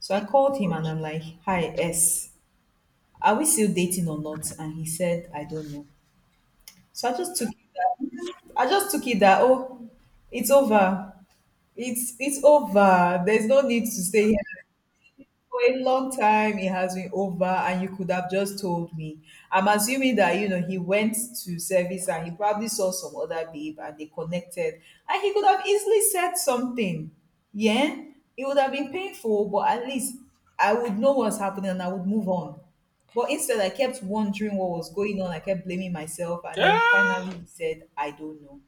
Speaker 2: So I called him and I'm like, hi, S, are we still dating or not? And he said, I don't know. So I just took it that, I just took it that, oh, it's over. It's it's over. There's no need to stay here. For a long time, it has been over, and you could have just told me. I'm assuming that you know he went to service and he probably saw some other babe and they connected, and he could have easily said something. Yeah, it would have been painful, but at least I would know what's happening and I would move on. But instead, I kept wondering what was going on. I kept blaming myself, and
Speaker 1: Yeah.
Speaker 2: then finally
Speaker 1: Yeah.
Speaker 2: he said, "I don't know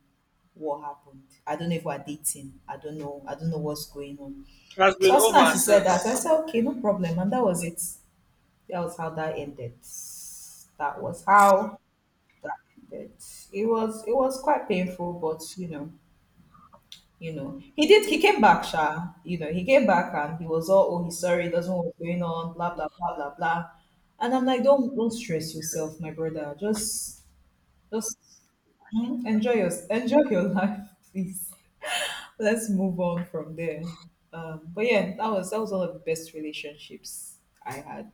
Speaker 2: what happened. I don't know if we're dating. I don't know. I don't know what's going on."
Speaker 1: It has been
Speaker 2: So as soon as
Speaker 1: over
Speaker 2: she said that, I
Speaker 1: since.
Speaker 2: said, okay, no problem. And that was it. That was how that ended. That was how that ended. It was it was quite painful, but you know, you know. He did he came back, Sha. You know, he came back and he was all, oh, he's sorry, he doesn't know what's going on, blah blah blah blah blah. And I'm like, don't don't stress yourself, my brother. Just just mm, enjoy your enjoy your (laughs) life, please. Let's move on from there. Um, but yeah, that was that was one of the best relationships I had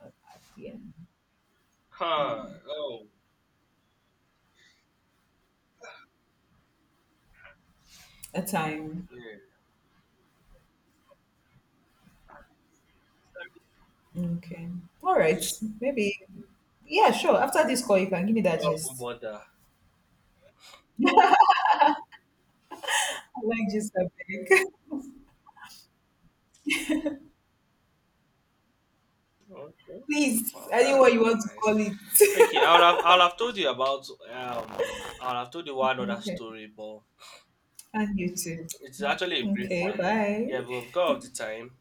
Speaker 2: at, at the end.
Speaker 1: Huh.
Speaker 2: Mm,
Speaker 1: Oh.
Speaker 2: a time.
Speaker 1: Yeah.
Speaker 2: Okay. All right. Maybe. Yeah, sure. After this call, you can give me that
Speaker 1: Love not
Speaker 2: gist.
Speaker 1: bother.
Speaker 2: I like gist, I beg.
Speaker 1: Okay.
Speaker 2: (laughs) Please,
Speaker 1: Wow, that's
Speaker 2: anyone you
Speaker 1: really
Speaker 2: want to
Speaker 1: nice.
Speaker 2: call
Speaker 1: Okay, I would have
Speaker 2: it. (laughs)
Speaker 1: I would have told you about um I would have told you one other
Speaker 2: Okay.
Speaker 1: story, but
Speaker 2: And you too.
Speaker 1: it's actually a brief
Speaker 2: Okay.
Speaker 1: one. Yeah,
Speaker 2: Bye.
Speaker 1: but because of the time,